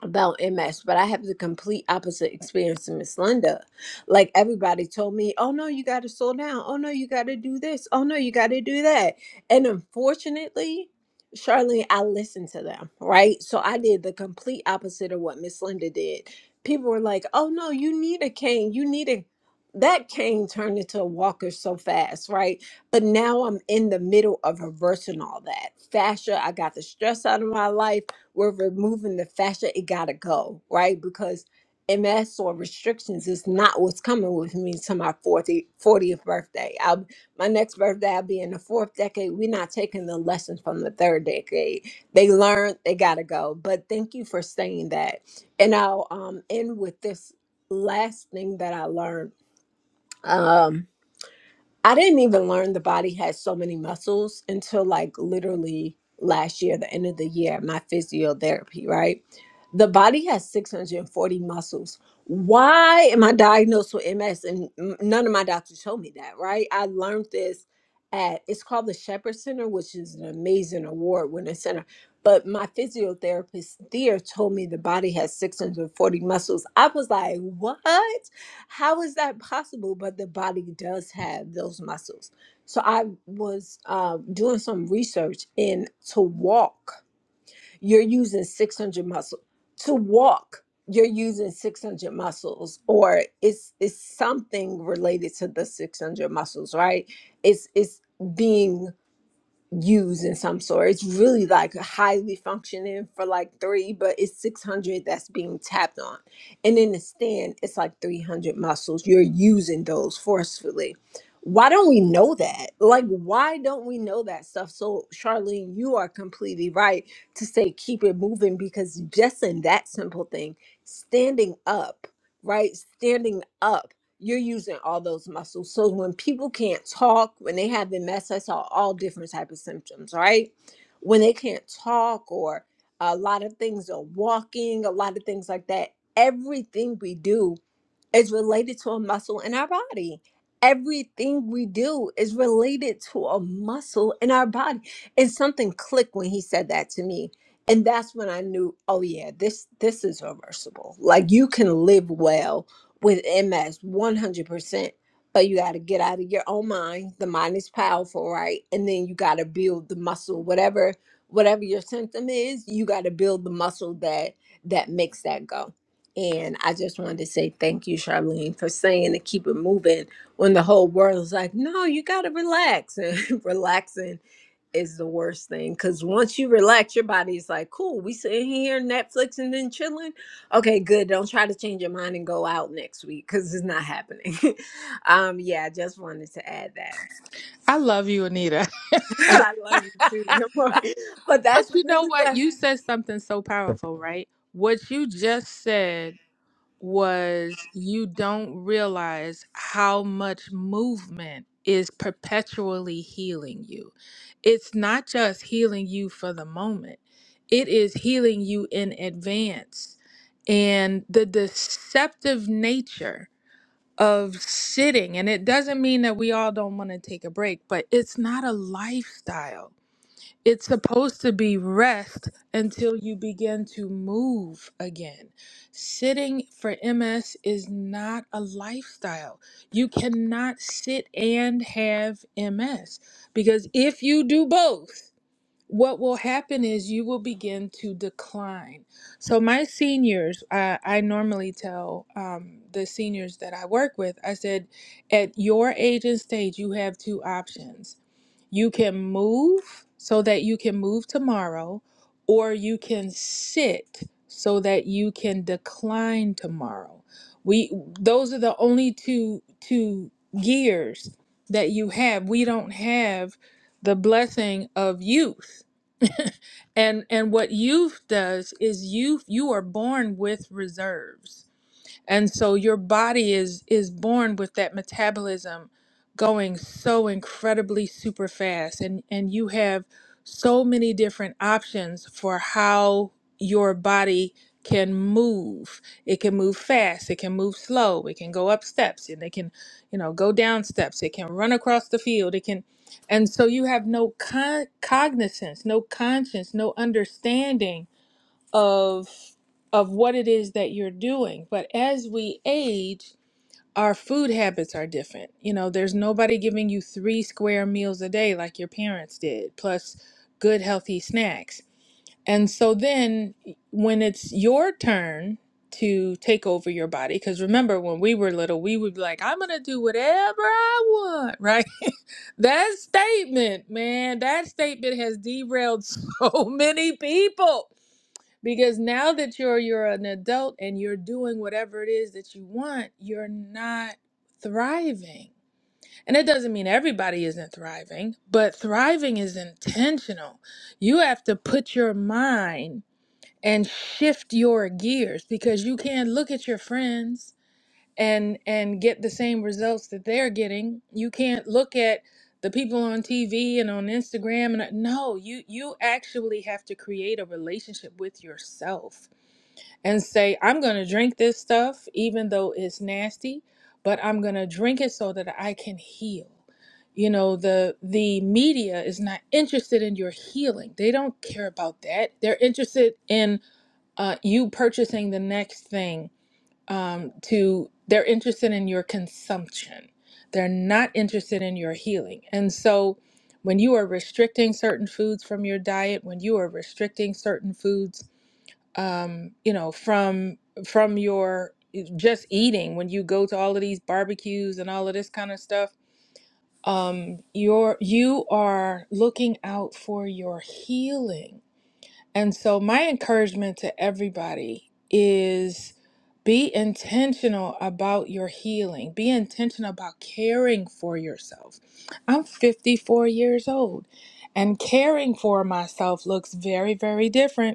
[SPEAKER 4] about MS, but I have the complete opposite experience to Miss Linda. Like everybody told me, oh no, you got to slow down. Oh no, you got to do this. Oh no, you got to do that. And unfortunately, Charlene, I listened to them, right? So I did the complete opposite of what Miss Linda did. People were like, oh no, you need a cane. You need a. That cane turned into a walker so fast, right? But now I'm in the middle of reversing all that. Fascia, I got the stress out of my life we're removing the fascia, it gotta go, right? Because MS or restrictions is not what's coming with me to my 40 fortieth birthday. I'll, my next birthday, I'll be in the fourth decade. We're not taking the lessons from the third decade. They learned, they gotta go. But thank you for saying that. And I'll um, end with this last thing that I learned. Um, I didn't even learn the body has so many muscles until like literally last year, the end of the year, my physiotherapy, right? The body has 640 muscles. Why am I diagnosed with MS? And n- none of my doctors told me that, right? I learned this at, it's called the Shepherd Center, which is an amazing award winning center. But my physiotherapist there told me the body has 640 muscles. I was like, what? how is that possible? But the body does have those muscles. So I was uh, doing some research, and to walk, you're using 600 muscles. To walk, you're using 600 muscles, or it's it's something related to the 600 muscles, right? It's it's being used in some sort. It's really like highly functioning for like three, but it's 600 that's being tapped on. And in the stand, it's like 300 muscles. You're using those forcefully. Why don't we know that? Like, why don't we know that stuff? So, Charlene, you are completely right to say keep it moving because just in that simple thing, standing up, right? Standing up you're using all those muscles. So when people can't talk, when they have MS, I saw all different type of symptoms, right? When they can't talk or a lot of things are walking, a lot of things like that. Everything we do is related to a muscle in our body. Everything we do is related to a muscle in our body. And something clicked when he said that to me. And that's when I knew, oh yeah, this this is reversible. Like you can live well with MS 100%, but you got to get out of your own mind. The mind is powerful, right? And then you got to build the muscle whatever whatever your symptom is, you got to build the muscle that that makes that go. And I just wanted to say thank you, Charlene, for saying to keep it moving when the whole world is like, no, you got to relax. (laughs) And relaxing is the worst thing because once you relax, your body's like, cool, we sitting here Netflix and then chilling. Okay, good. Don't try to change your mind and go out next week because it's not happening. (laughs) um, yeah, I just wanted to add that.
[SPEAKER 2] I love you, Anita.
[SPEAKER 4] (laughs)
[SPEAKER 1] (laughs)
[SPEAKER 4] I
[SPEAKER 2] (laughs)
[SPEAKER 4] love you too. (laughs) Your
[SPEAKER 2] but
[SPEAKER 4] boy. But that's
[SPEAKER 2] you know
[SPEAKER 4] really
[SPEAKER 2] what?
[SPEAKER 4] what.
[SPEAKER 2] You said something so
[SPEAKER 3] good.
[SPEAKER 2] powerful, right? What you just said was you don't realize how much movement is perpetually healing you. It's not just healing you for the moment, it is healing you in advance. And the deceptive nature of sitting, and it doesn't mean that we all don't want to take a break, but it's not a lifestyle it's supposed to be rest until you begin to move again. Sitting for MS is not a lifestyle. You cannot sit and have MS because if you do both, what will happen is you will begin to decline. So, my seniors, I, I normally tell um, the seniors that I work with, I said, at your age and stage, you have two options you can move so that you can move tomorrow, or you can sit so that you can decline tomorrow. We those are the only two two gears that you have. We don't have the blessing of youth. And and what youth does is youth you are born with reserves and so your body is is born with that metabolism going so incredibly super fast and and you have so many different options for how your body can move it can move fast it can move slow it can go up steps and it can you know go down steps it can run across the field it can and so you have no con- cognizance no conscience no understanding of of what it is that you're doing. But as we age, our food habits are different. You know, there's nobody giving you three square meals a day like your parents did, plus good healthy snacks. And so then when it's your turn to take over your body, because remember when we were little, we would be like, I'm gonna do whatever I want, right? (laughs) that statement, man, that statement has derailed so (laughs) many people because now that you're you're an adult and you're doing whatever it is that you want you're not thriving and it doesn't mean everybody isn't thriving but thriving is intentional you have to put your mind and shift your gears because you can't look at your friends and and get the same results that they're getting you can't look at the people on TV and on Instagram and no you you actually have to create a relationship with yourself and say, I'm going to drink this stuff, even though it's nasty, but I'm going to drink it so that I can heal. You know, the the media is not interested in your healing. They don't care about that. They're interested in uh, you purchasing the next thing. Um, to they're interested in your consumption. They're not interested in your healing. And so, when you are restricting certain foods from your diet, when you are restricting certain foods um, you know, from from your eh, just eating when you go to all of these barbecues and all of this kind of stuff. Um, you're you are looking out for your healing. And so my encouragement to everybody is be intentional about your healing. Be intentional about caring for yourself. I'm 54 years old and caring for myself looks very very different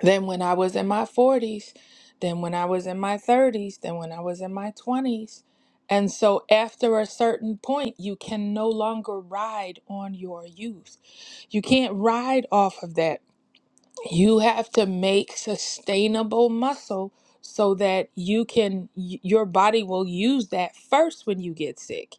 [SPEAKER 2] then when I was in my 40s, then when I was in my 30s, then when I was in my 20s. And so after a certain point, you can no longer ride on your youth. You can't ride off of that. You have to make sustainable muscle so that you can y- your body will use that first when you get sick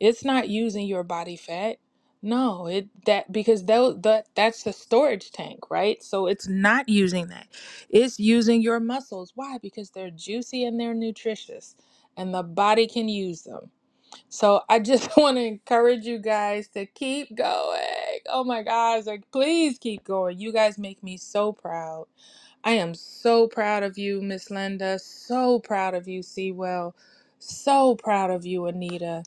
[SPEAKER 2] it's not using your body fat. No, it that because that, that that's the storage tank, right? So it's not using that. It's using your muscles. Why? Because they're juicy and they're nutritious and the body can use them. So I just (laughs) want to encourage you guys to keep going. Oh my gosh, like please keep going. You guys make me so proud. I am so proud of you, Miss Linda. So proud of you, Sewell. So proud of you, Anita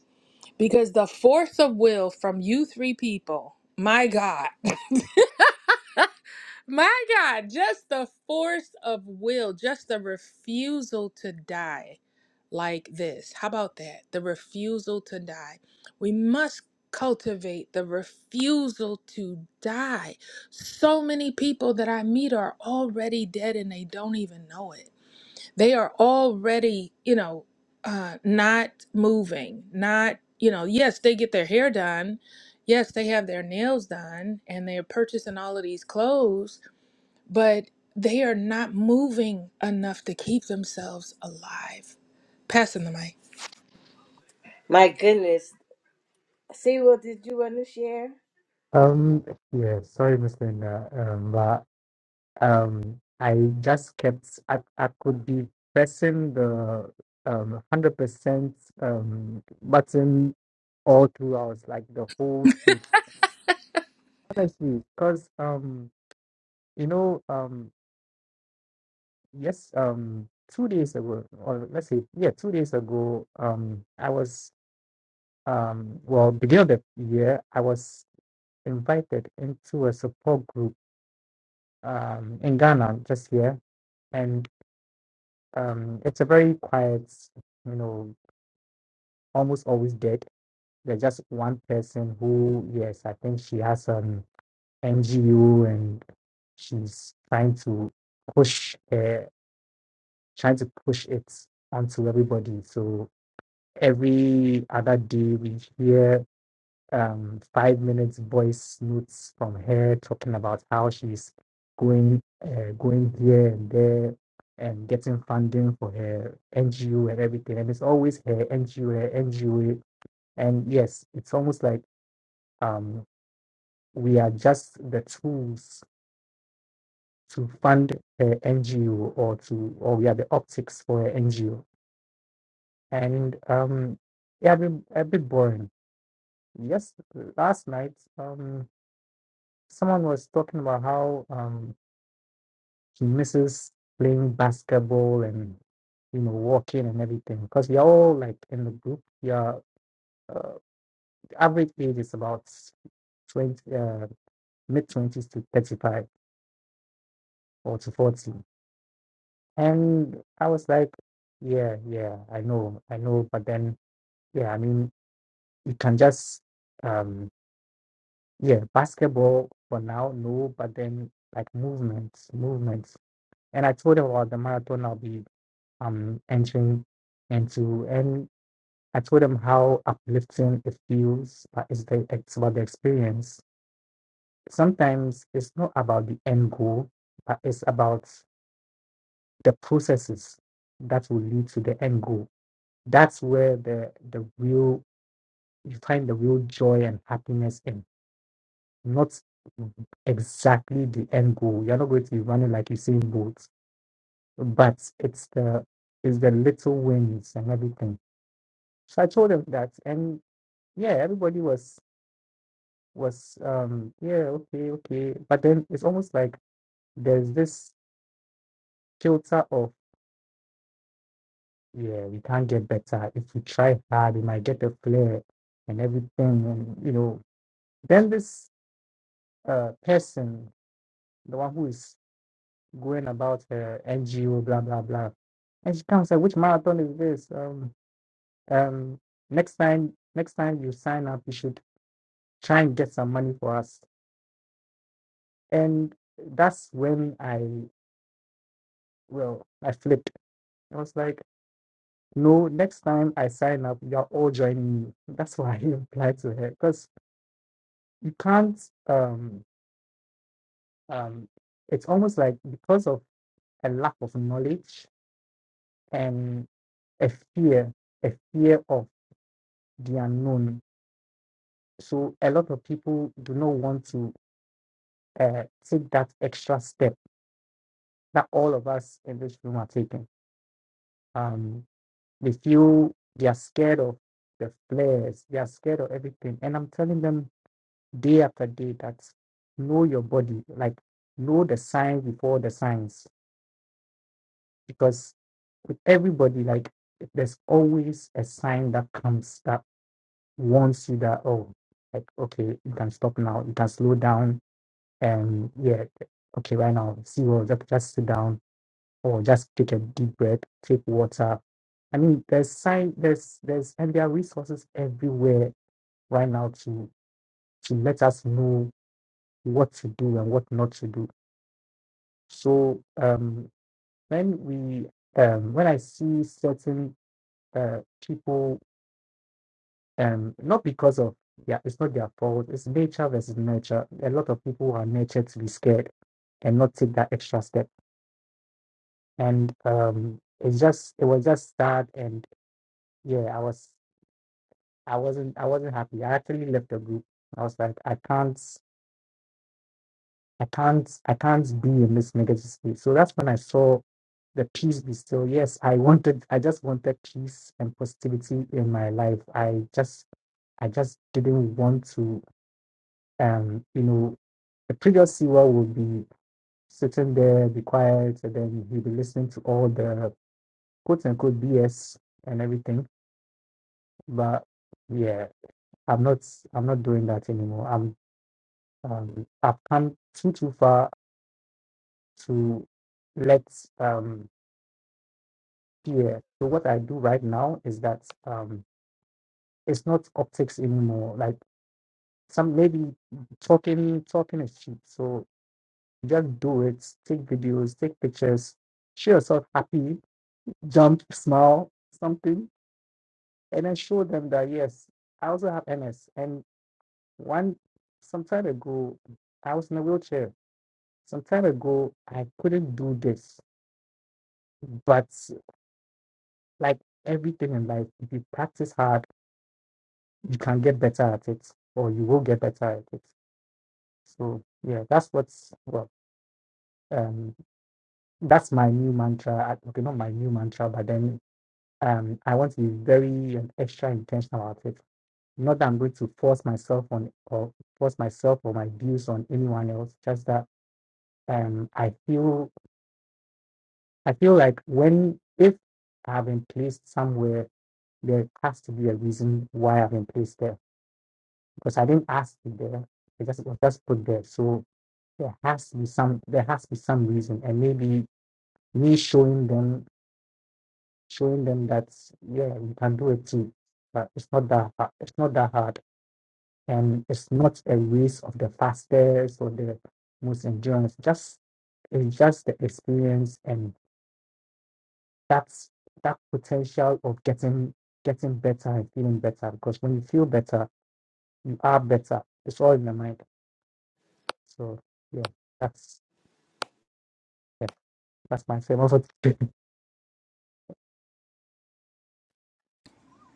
[SPEAKER 2] because the force of will from you three people, my God, (laughs) my God, just the force of will, just the refusal to die like this. How about that? The refusal to die. We must cultivate the refusal to die. So many people that I meet are already dead and they don't even know it they are already you know uh not moving not you know yes they get their hair done yes they have their nails done and they're purchasing all of these clothes but they are not moving enough to keep themselves alive passing the mic
[SPEAKER 1] my goodness. See, what did you want to share?
[SPEAKER 3] Um. Yeah. Sorry, Miss Linda. Um. But um. I just kept. I. I could be pressing the um hundred percent um button all throughout, like the whole speech. Honestly, because um, you know um, yes um, two days ago, or let's say yeah, two days ago um, I was um, well, beginning of the year, I was invited into a support group um, in Ghana just here, and um, it's a very quiet, you know, almost always dead. There's just one person who, yes, I think she has an NGO and she's trying to push, uh, trying to push it onto everybody. So every other day we hear um, five minutes voice notes from her talking about how she's going uh, going here and there and getting funding for her NGO and everything. And it's always her NGO, her NGO. And yes, it's almost like um, we are just the tools to fund her NGO or to or we are the optics for her NGO. And um, yeah, a bit, a bit boring. Yes, last night. Um, someone was talking about how um he misses playing basketball and you know walking and everything because we are all like in the group we are uh, the average age is about 20 uh, mid 20s to 35 or to 40 and i was like yeah yeah i know i know but then yeah i mean you can just um yeah basketball for now no but then like movements movements and i told him about the marathon i'll be um entering into and I told them how uplifting it feels but it's the it's about the experience. Sometimes it's not about the end goal, but it's about the processes that will lead to the end goal. That's where the the real you find the real joy and happiness in not exactly the end goal. You're not going to be running like Usain Bolt, but it's the it's the little wins and everything. So I told them that, and. yeah, everybody was was um yeah, okay, okay. But then it's almost like there's this filter of yeah, we can't get better. If we try hard, we might get a flare and everything and you know. Then this uh person, the one who is going about her NGO, blah blah blah. And she comes like, which marathon is this? Um um next time next time you sign up you should try and get some money for us. And that's when I Well, I flipped. I was like, no, next time I sign up, you're all joining me. That's (laughs) why I replied to her because you can't. Um, um, it's almost like because of a lack of knowledge and a fear, a fear of the unknown. So a lot of people do not want to uh, take that extra step that all of us in this room are taking. Um, they feel they are scared of the flares, they are scared of everything, and I'm telling them day after day that know your body, like know the signs before the signs. Because with everybody, like there's always a sign that comes that warns you that, oh, like, okay, you can stop now, you can slow down. And yeah, okay, right now, see, well, just, just sit down or just take a deep breath, take water. I mean, there's sign, there's, there's, and there are resources everywhere right now to, to let us know what to do and what not to do So um, when we um, when I see certain uh, people, um, not because of yeah, it's not their fault. It's nature versus nurture. A lot of people are nurtured to be scared and not take that extra step. And um, it's just it was just sad. And yeah, I was I wasn't I wasn't happy. I actually left the group. I was like I can't. I can't I can't be in this negative space. So that's when I saw the peace be still. Yes, I wanted I just wanted peace and positivity in my life. I just I just didn't want to um you know the previous CEO would be sitting there, be quiet, and then he'd be listening to all the quote unquote BS and everything. But yeah, I'm not I'm not doing that anymore. I'm um I've come too too far to let um Yeah. So what I do right now is that um it's not optics anymore. Like some maybe talking talking is cheap. So just do it. Take videos, take pictures, show yourself happy, jump, smile, something, and then show them that yes, I also have MS. And one some time ago, I was in a wheelchair. Some time ago, I couldn't do this. But like everything in life, if you practice hard you can get better at it or you will get better at it so yeah that's what's well um that's my new mantra I- okay not my new mantra but then um i want to be very um, extra intentional about it not that i'm going to force myself on or force myself or my views on anyone else just that um i feel i feel like when if i've been placed somewhere there has to be a reason why i've been placed there because i didn't ask to be there i just was just put there so there has to be some there has to be some reason and maybe me showing them showing them that yeah you can do it too but it's not that hard it's not that hard and it's not a race of the fastest or the most endurance just it's just the experience and that's that potential of getting getting better and feeling better because when you feel better you are better it's all in the mind so yeah that's yeah, that's my same Also. (laughs)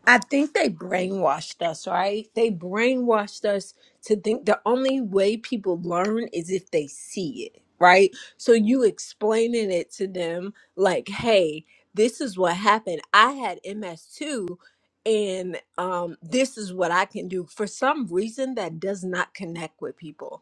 [SPEAKER 4] I think they brainwashed us, right? They brainwashed us to think the only way people learn is if they see it, right? So you explaining it to them like, "Hey, this is what happened. I had ms too, and um this is what I can do." For some reason that does not connect with people.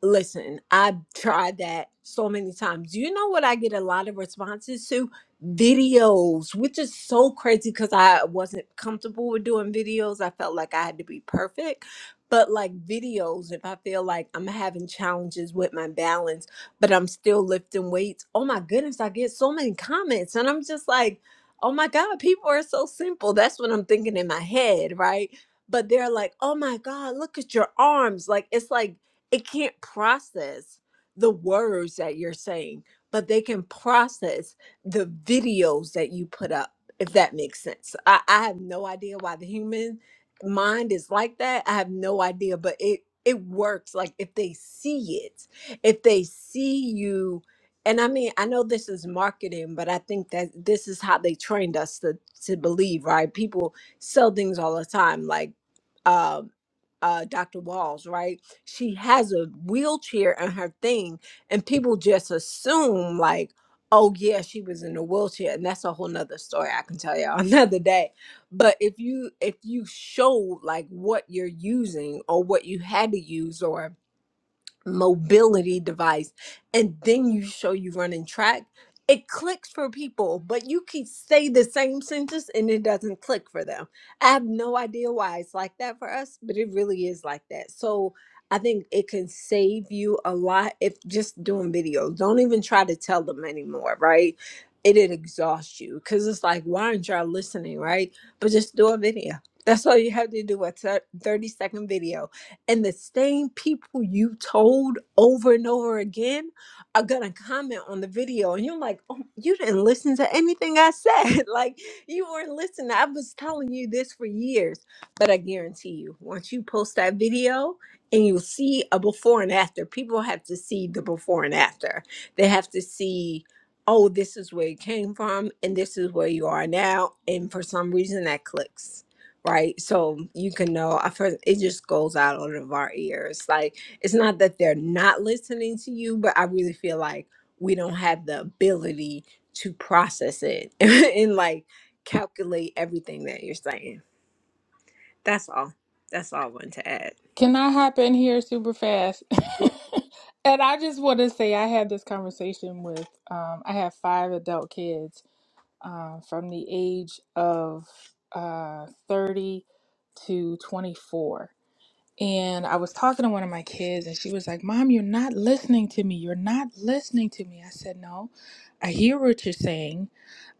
[SPEAKER 4] Listen, I've tried that so many times. You know what I get a lot of responses to? Videos, which is so crazy because I wasn't comfortable with doing videos. I felt like I had to be perfect. But like videos, if I feel like I'm having challenges with my balance, but I'm still lifting weights, oh my goodness, I get so many comments. And I'm just like, oh my God, people are so simple. That's what I'm thinking in my head, right? But they're like, oh my God, look at your arms. Like, it's like, it can't process the words that you're saying, but they can process the videos that you put up, if that makes sense. I, I have no idea why the human mind is like that. I have no idea, but it it works like if they see it, if they see you and I mean, I know this is marketing, but I think that this is how they trained us to to believe, right? People sell things all the time like um uh, Dr. Walls, right? She has a wheelchair and her thing, and people just assume, like, oh, yeah, she was in a wheelchair. And that's a whole nother story I can tell y'all (laughs) another day. But if you if you show like what you're using or what you had to use or mobility device and then you show you running track, it clicks for people, but you can say the same sentence and it doesn't click for them. I have no idea why it's like that for us, but it really is like that. So I think it can save you a lot if just doing videos. Don't even try to tell them anymore, right? It'd exhaust you because it's like, why aren't y'all listening, right? But just do a video. That's all you have to do a 30 second video and the same people you told over and over again are gonna comment on the video, and you're like, oh, you didn't listen to anything I said. (laughs) like you weren't listening. I was telling you this for years. But I guarantee you, once you post that video and you see a before and after, people have to see the before and after. They have to see, oh, this is where you came from and this is where you are now. And for some reason that clicks right? So you can know. I've heard it just goes out of our ears. Like it's not that they're not listening to you, but I really feel like we don't have the ability to process it (laughs) and like calculate everything that you're saying. That's all. That's all I want to add.
[SPEAKER 2] Can I hop in here super fast? (laughs) and I just want to say I had this conversation with um, I have five adult kids uh, from the age of uh, 30 to 24. And I was talking to one of my kids, and she was like, Mom, you're not listening to me. You're not listening to me. I said, No, I hear what you're saying.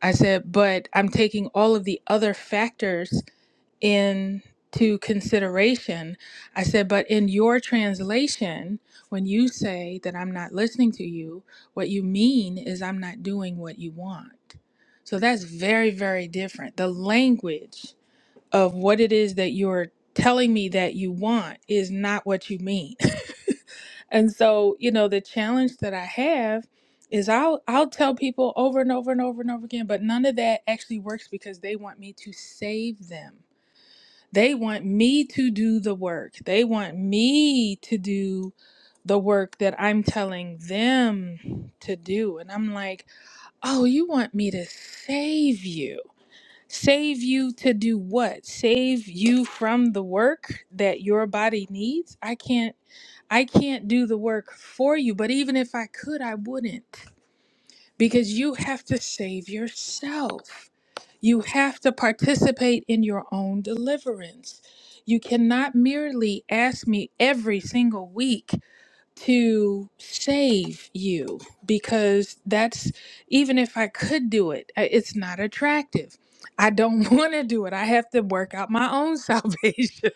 [SPEAKER 2] I said, But I'm taking all of the other factors into consideration. I said, but in your translation, when you say that I'm not listening to you, what you mean is I'm not doing what you want. So that's very, very different. The language of what it is that you're telling me that you want is not what you mean. (laughs) and so, you know, the challenge that I have is I'll I'll tell people over and over and over and over again, but none of that actually works because they want me to save them they want me to do the work. They want me to do the work that I'm telling them to do. And I'm like, oh, you want me to save you? Save you to do what? Save you from the work that your body needs? I can't I can't do the work for you, but even if I could, I wouldn't because you have to save yourself. You have to participate in your own deliverance. You cannot merely ask me every single week to save you because that's even if I could do it, I- it's not attractive. I don't (laughs) want to do it. I have to work out my own (laughs) salvation.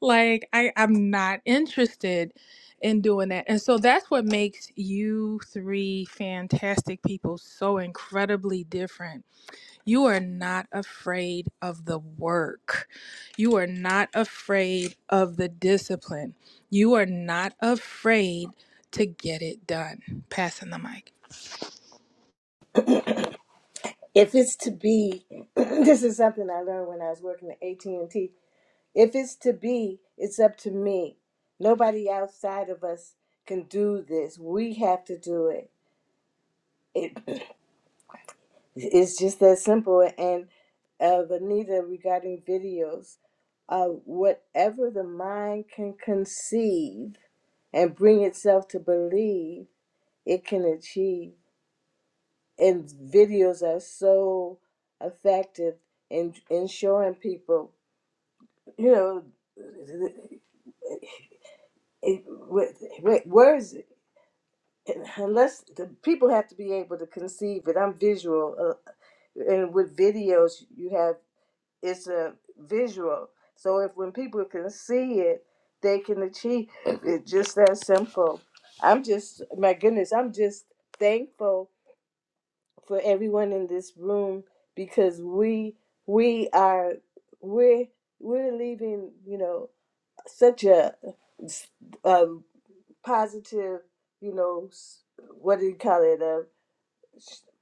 [SPEAKER 2] like I, I'm not interested in doing that. And so that's what makes you three fantastic people so incredibly different you are not afraid of the work. You are not afraid of the discipline. You are not afraid to get it done. Passing the mic.
[SPEAKER 1] If it's to be, (clears throat) this is something I learned when I was working at AT and T. If it's to be, it's up to me. Nobody outside of us can do this. We have to do it. It It's just that simple. And uh, Anita, regarding videos, uh, whatever the mind can conceive and bring itself to believe, it can achieve. And videos are so effective in, in showing people, you know, it, where, where is it? Unless the people have to be able to conceive it. I'm visual, uh, and with videos, you have. it's a visual. So if when people can see it, they can achieve it. Just that simple. I'm just my goodness. I'm just thankful for everyone in this room because we we are we're we're leaving you know such a, a positive you know s- what do you call it a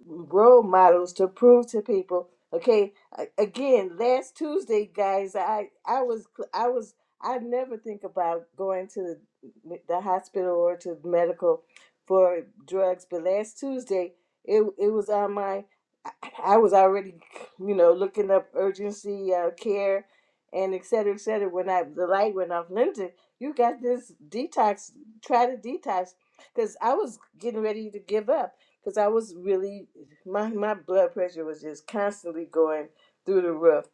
[SPEAKER 1] role models to prove to people okay a- again last tuesday guys i i was i was i never think about going to the, the hospital or to medical for drugs but last tuesday it it was on my i I was already you know looking up urgency uh, care and et cetera et cetera when i the light went off linda you got this detox try to detox because i was getting ready to give up because I was really my my blood pressure was just constantly going through the roof.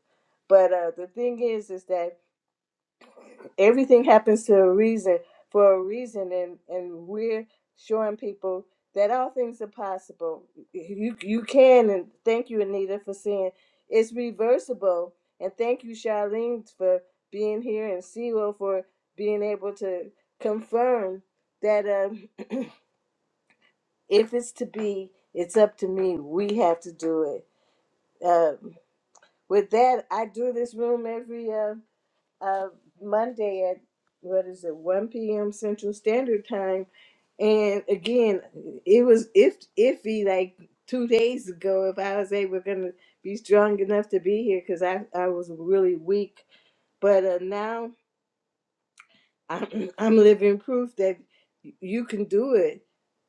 [SPEAKER 1] But uh, the thing is, is that everything happens to a reason for a reason, and and we're showing people that all things are possible. You you can, and thank you, Anita, for saying it's reversible, and thank you, Charlene, for being here, and Siro for being able to confirm that um, if it's to be, it's up to me. We have to do it Um, with that, I do this room every uh, uh, Monday at what is it, 1 p.m. Central Standard Time. And again, it was if iffy like two days ago if I was able gonna be strong enough to be here because I I was really weak. But uh, now I'm (clears throat) I'm living proof that you can do it.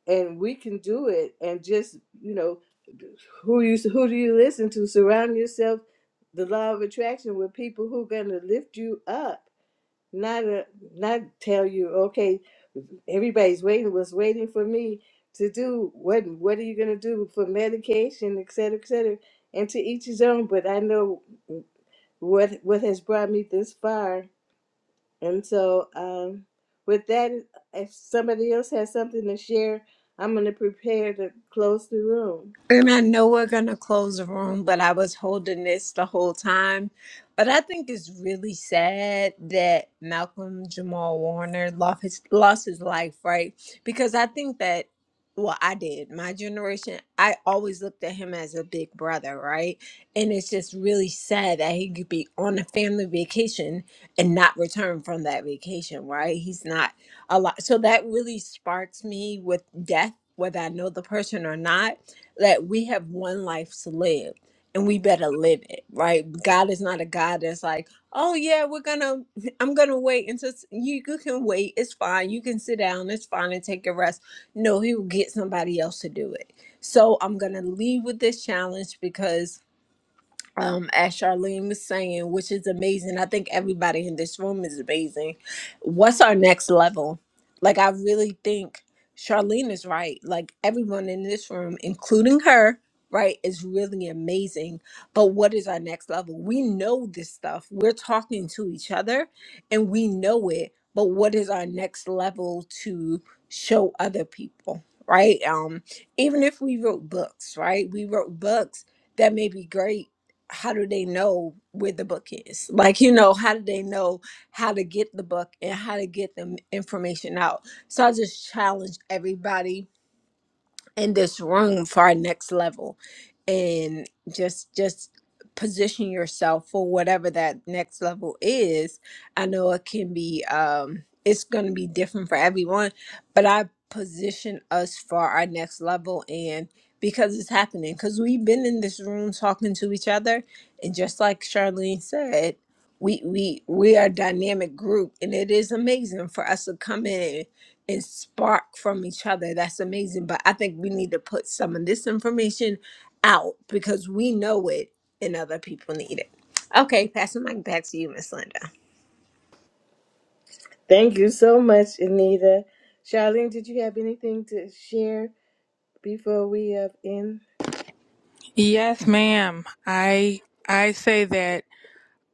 [SPEAKER 1] and we can do it and just you know who you who do you listen to surround yourself the law of attraction with people who are going to lift you up not a, not tell you okay everybody's waiting was waiting for me to do what what are you going to do for medication et cetera et cetera and to each his own but i know what what has brought me this far and so, um, with that, if somebody else has something to share, I'm going to prepare to close the room.
[SPEAKER 4] And I know we're going to close the room, but I was holding this the whole time. But I think it's really sad that Malcolm Jamal Warner lost his, lost his life, right? Because I think that, well, I did. My generation, I always looked at him as a big brother, right? And it's just really sad that he could be on a family vacation and not return from that vacation, right? He's not a lot. So that really sparks me with death, whether I know the person or not that we have one life to live and we better live it, right? God is not a God that's like, oh yeah, we're gonna, (laughs) I'm gonna wait until s- you, you can wait. It's fine. You can sit down. It's fine and take a rest. No, He will get somebody else to do it. So I'm gonna leave with this challenge because um as Charlene was saying, which is amazing. I think everybody in this room is amazing. What's our next level? Like I really think Charlene is right. Like everyone in this room, including her, right, is really amazing. But what is our next level? We know this stuff. We're talking to each other and we know it. But what is our next level to show other people? Right. Um, even if we wrote books, right? We wrote books that may be great how do they know where the book is? Like, you know, how do they know how to get the book and how to get the information out? So I just challenge everybody in this room for our next level and just just position yourself for whatever that next level is i know it can be um it's going to be different for everyone but i position us for our next level and because it's happening because we've been in this room talking to each other and just like charlene said we we we are a dynamic group and it is amazing for us to come in and spark from each other. That's amazing. But I think we need to put some of this information out because we know it and other people need it. Okay, passing the mic back to you, Miss Linda.
[SPEAKER 1] Thank you so much, Anita. Charlene, did you have anything to share before we up in?
[SPEAKER 2] Yes, ma'am. I I say that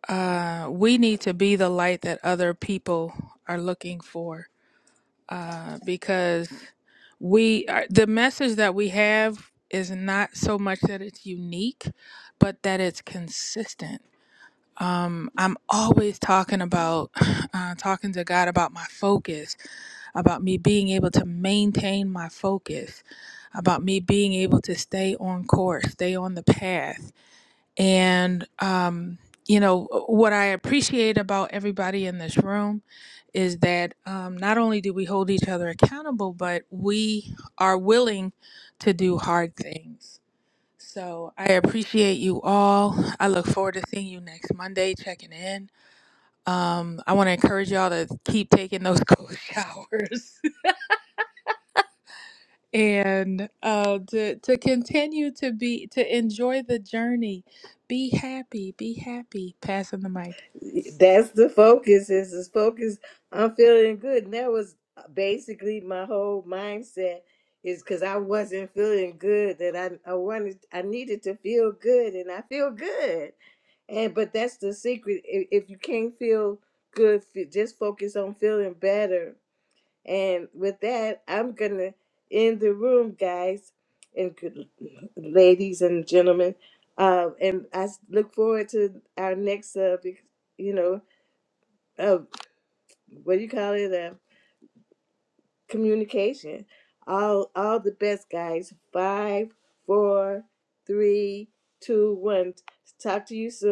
[SPEAKER 2] uh, we need to be the light that other people are looking for uh, because we are, the message that we have is not so much that it's unique, but that it's consistent I'm always talking about (sighs) uh, talking to God about my focus, about me being able to maintain my focus, about me being able to stay on course, stay on the path. And, um, you know, uh, what I appreciate about everybody in this room is that um, not only do we hold each other accountable, but we are willing to do hard things. So I appreciate you all. I look forward to seeing you next Monday, checking in um, I want to encourage y'all to keep taking those (laughs) cold showers (laughs) and uh, to to continue to be to enjoy the journey. Be happy. Be happy. Passing the mic.
[SPEAKER 1] That's the focus. Is is focus. I'm feeling good. And that was basically my whole mindset. Is because I wasn't feeling good that I I wanted I needed to feel good and I feel good. And but that's the secret. If, if you can't feel good, f- just focus on feeling better. And with that, I'm gonna end the room, guys and good, ladies and gentlemen. Uh, and I s- look forward to our next, uh, big- you know, uh, what do you call it? Uh, communication. All, all the best, guys. Five, four, three, two, one. Talk to you soon.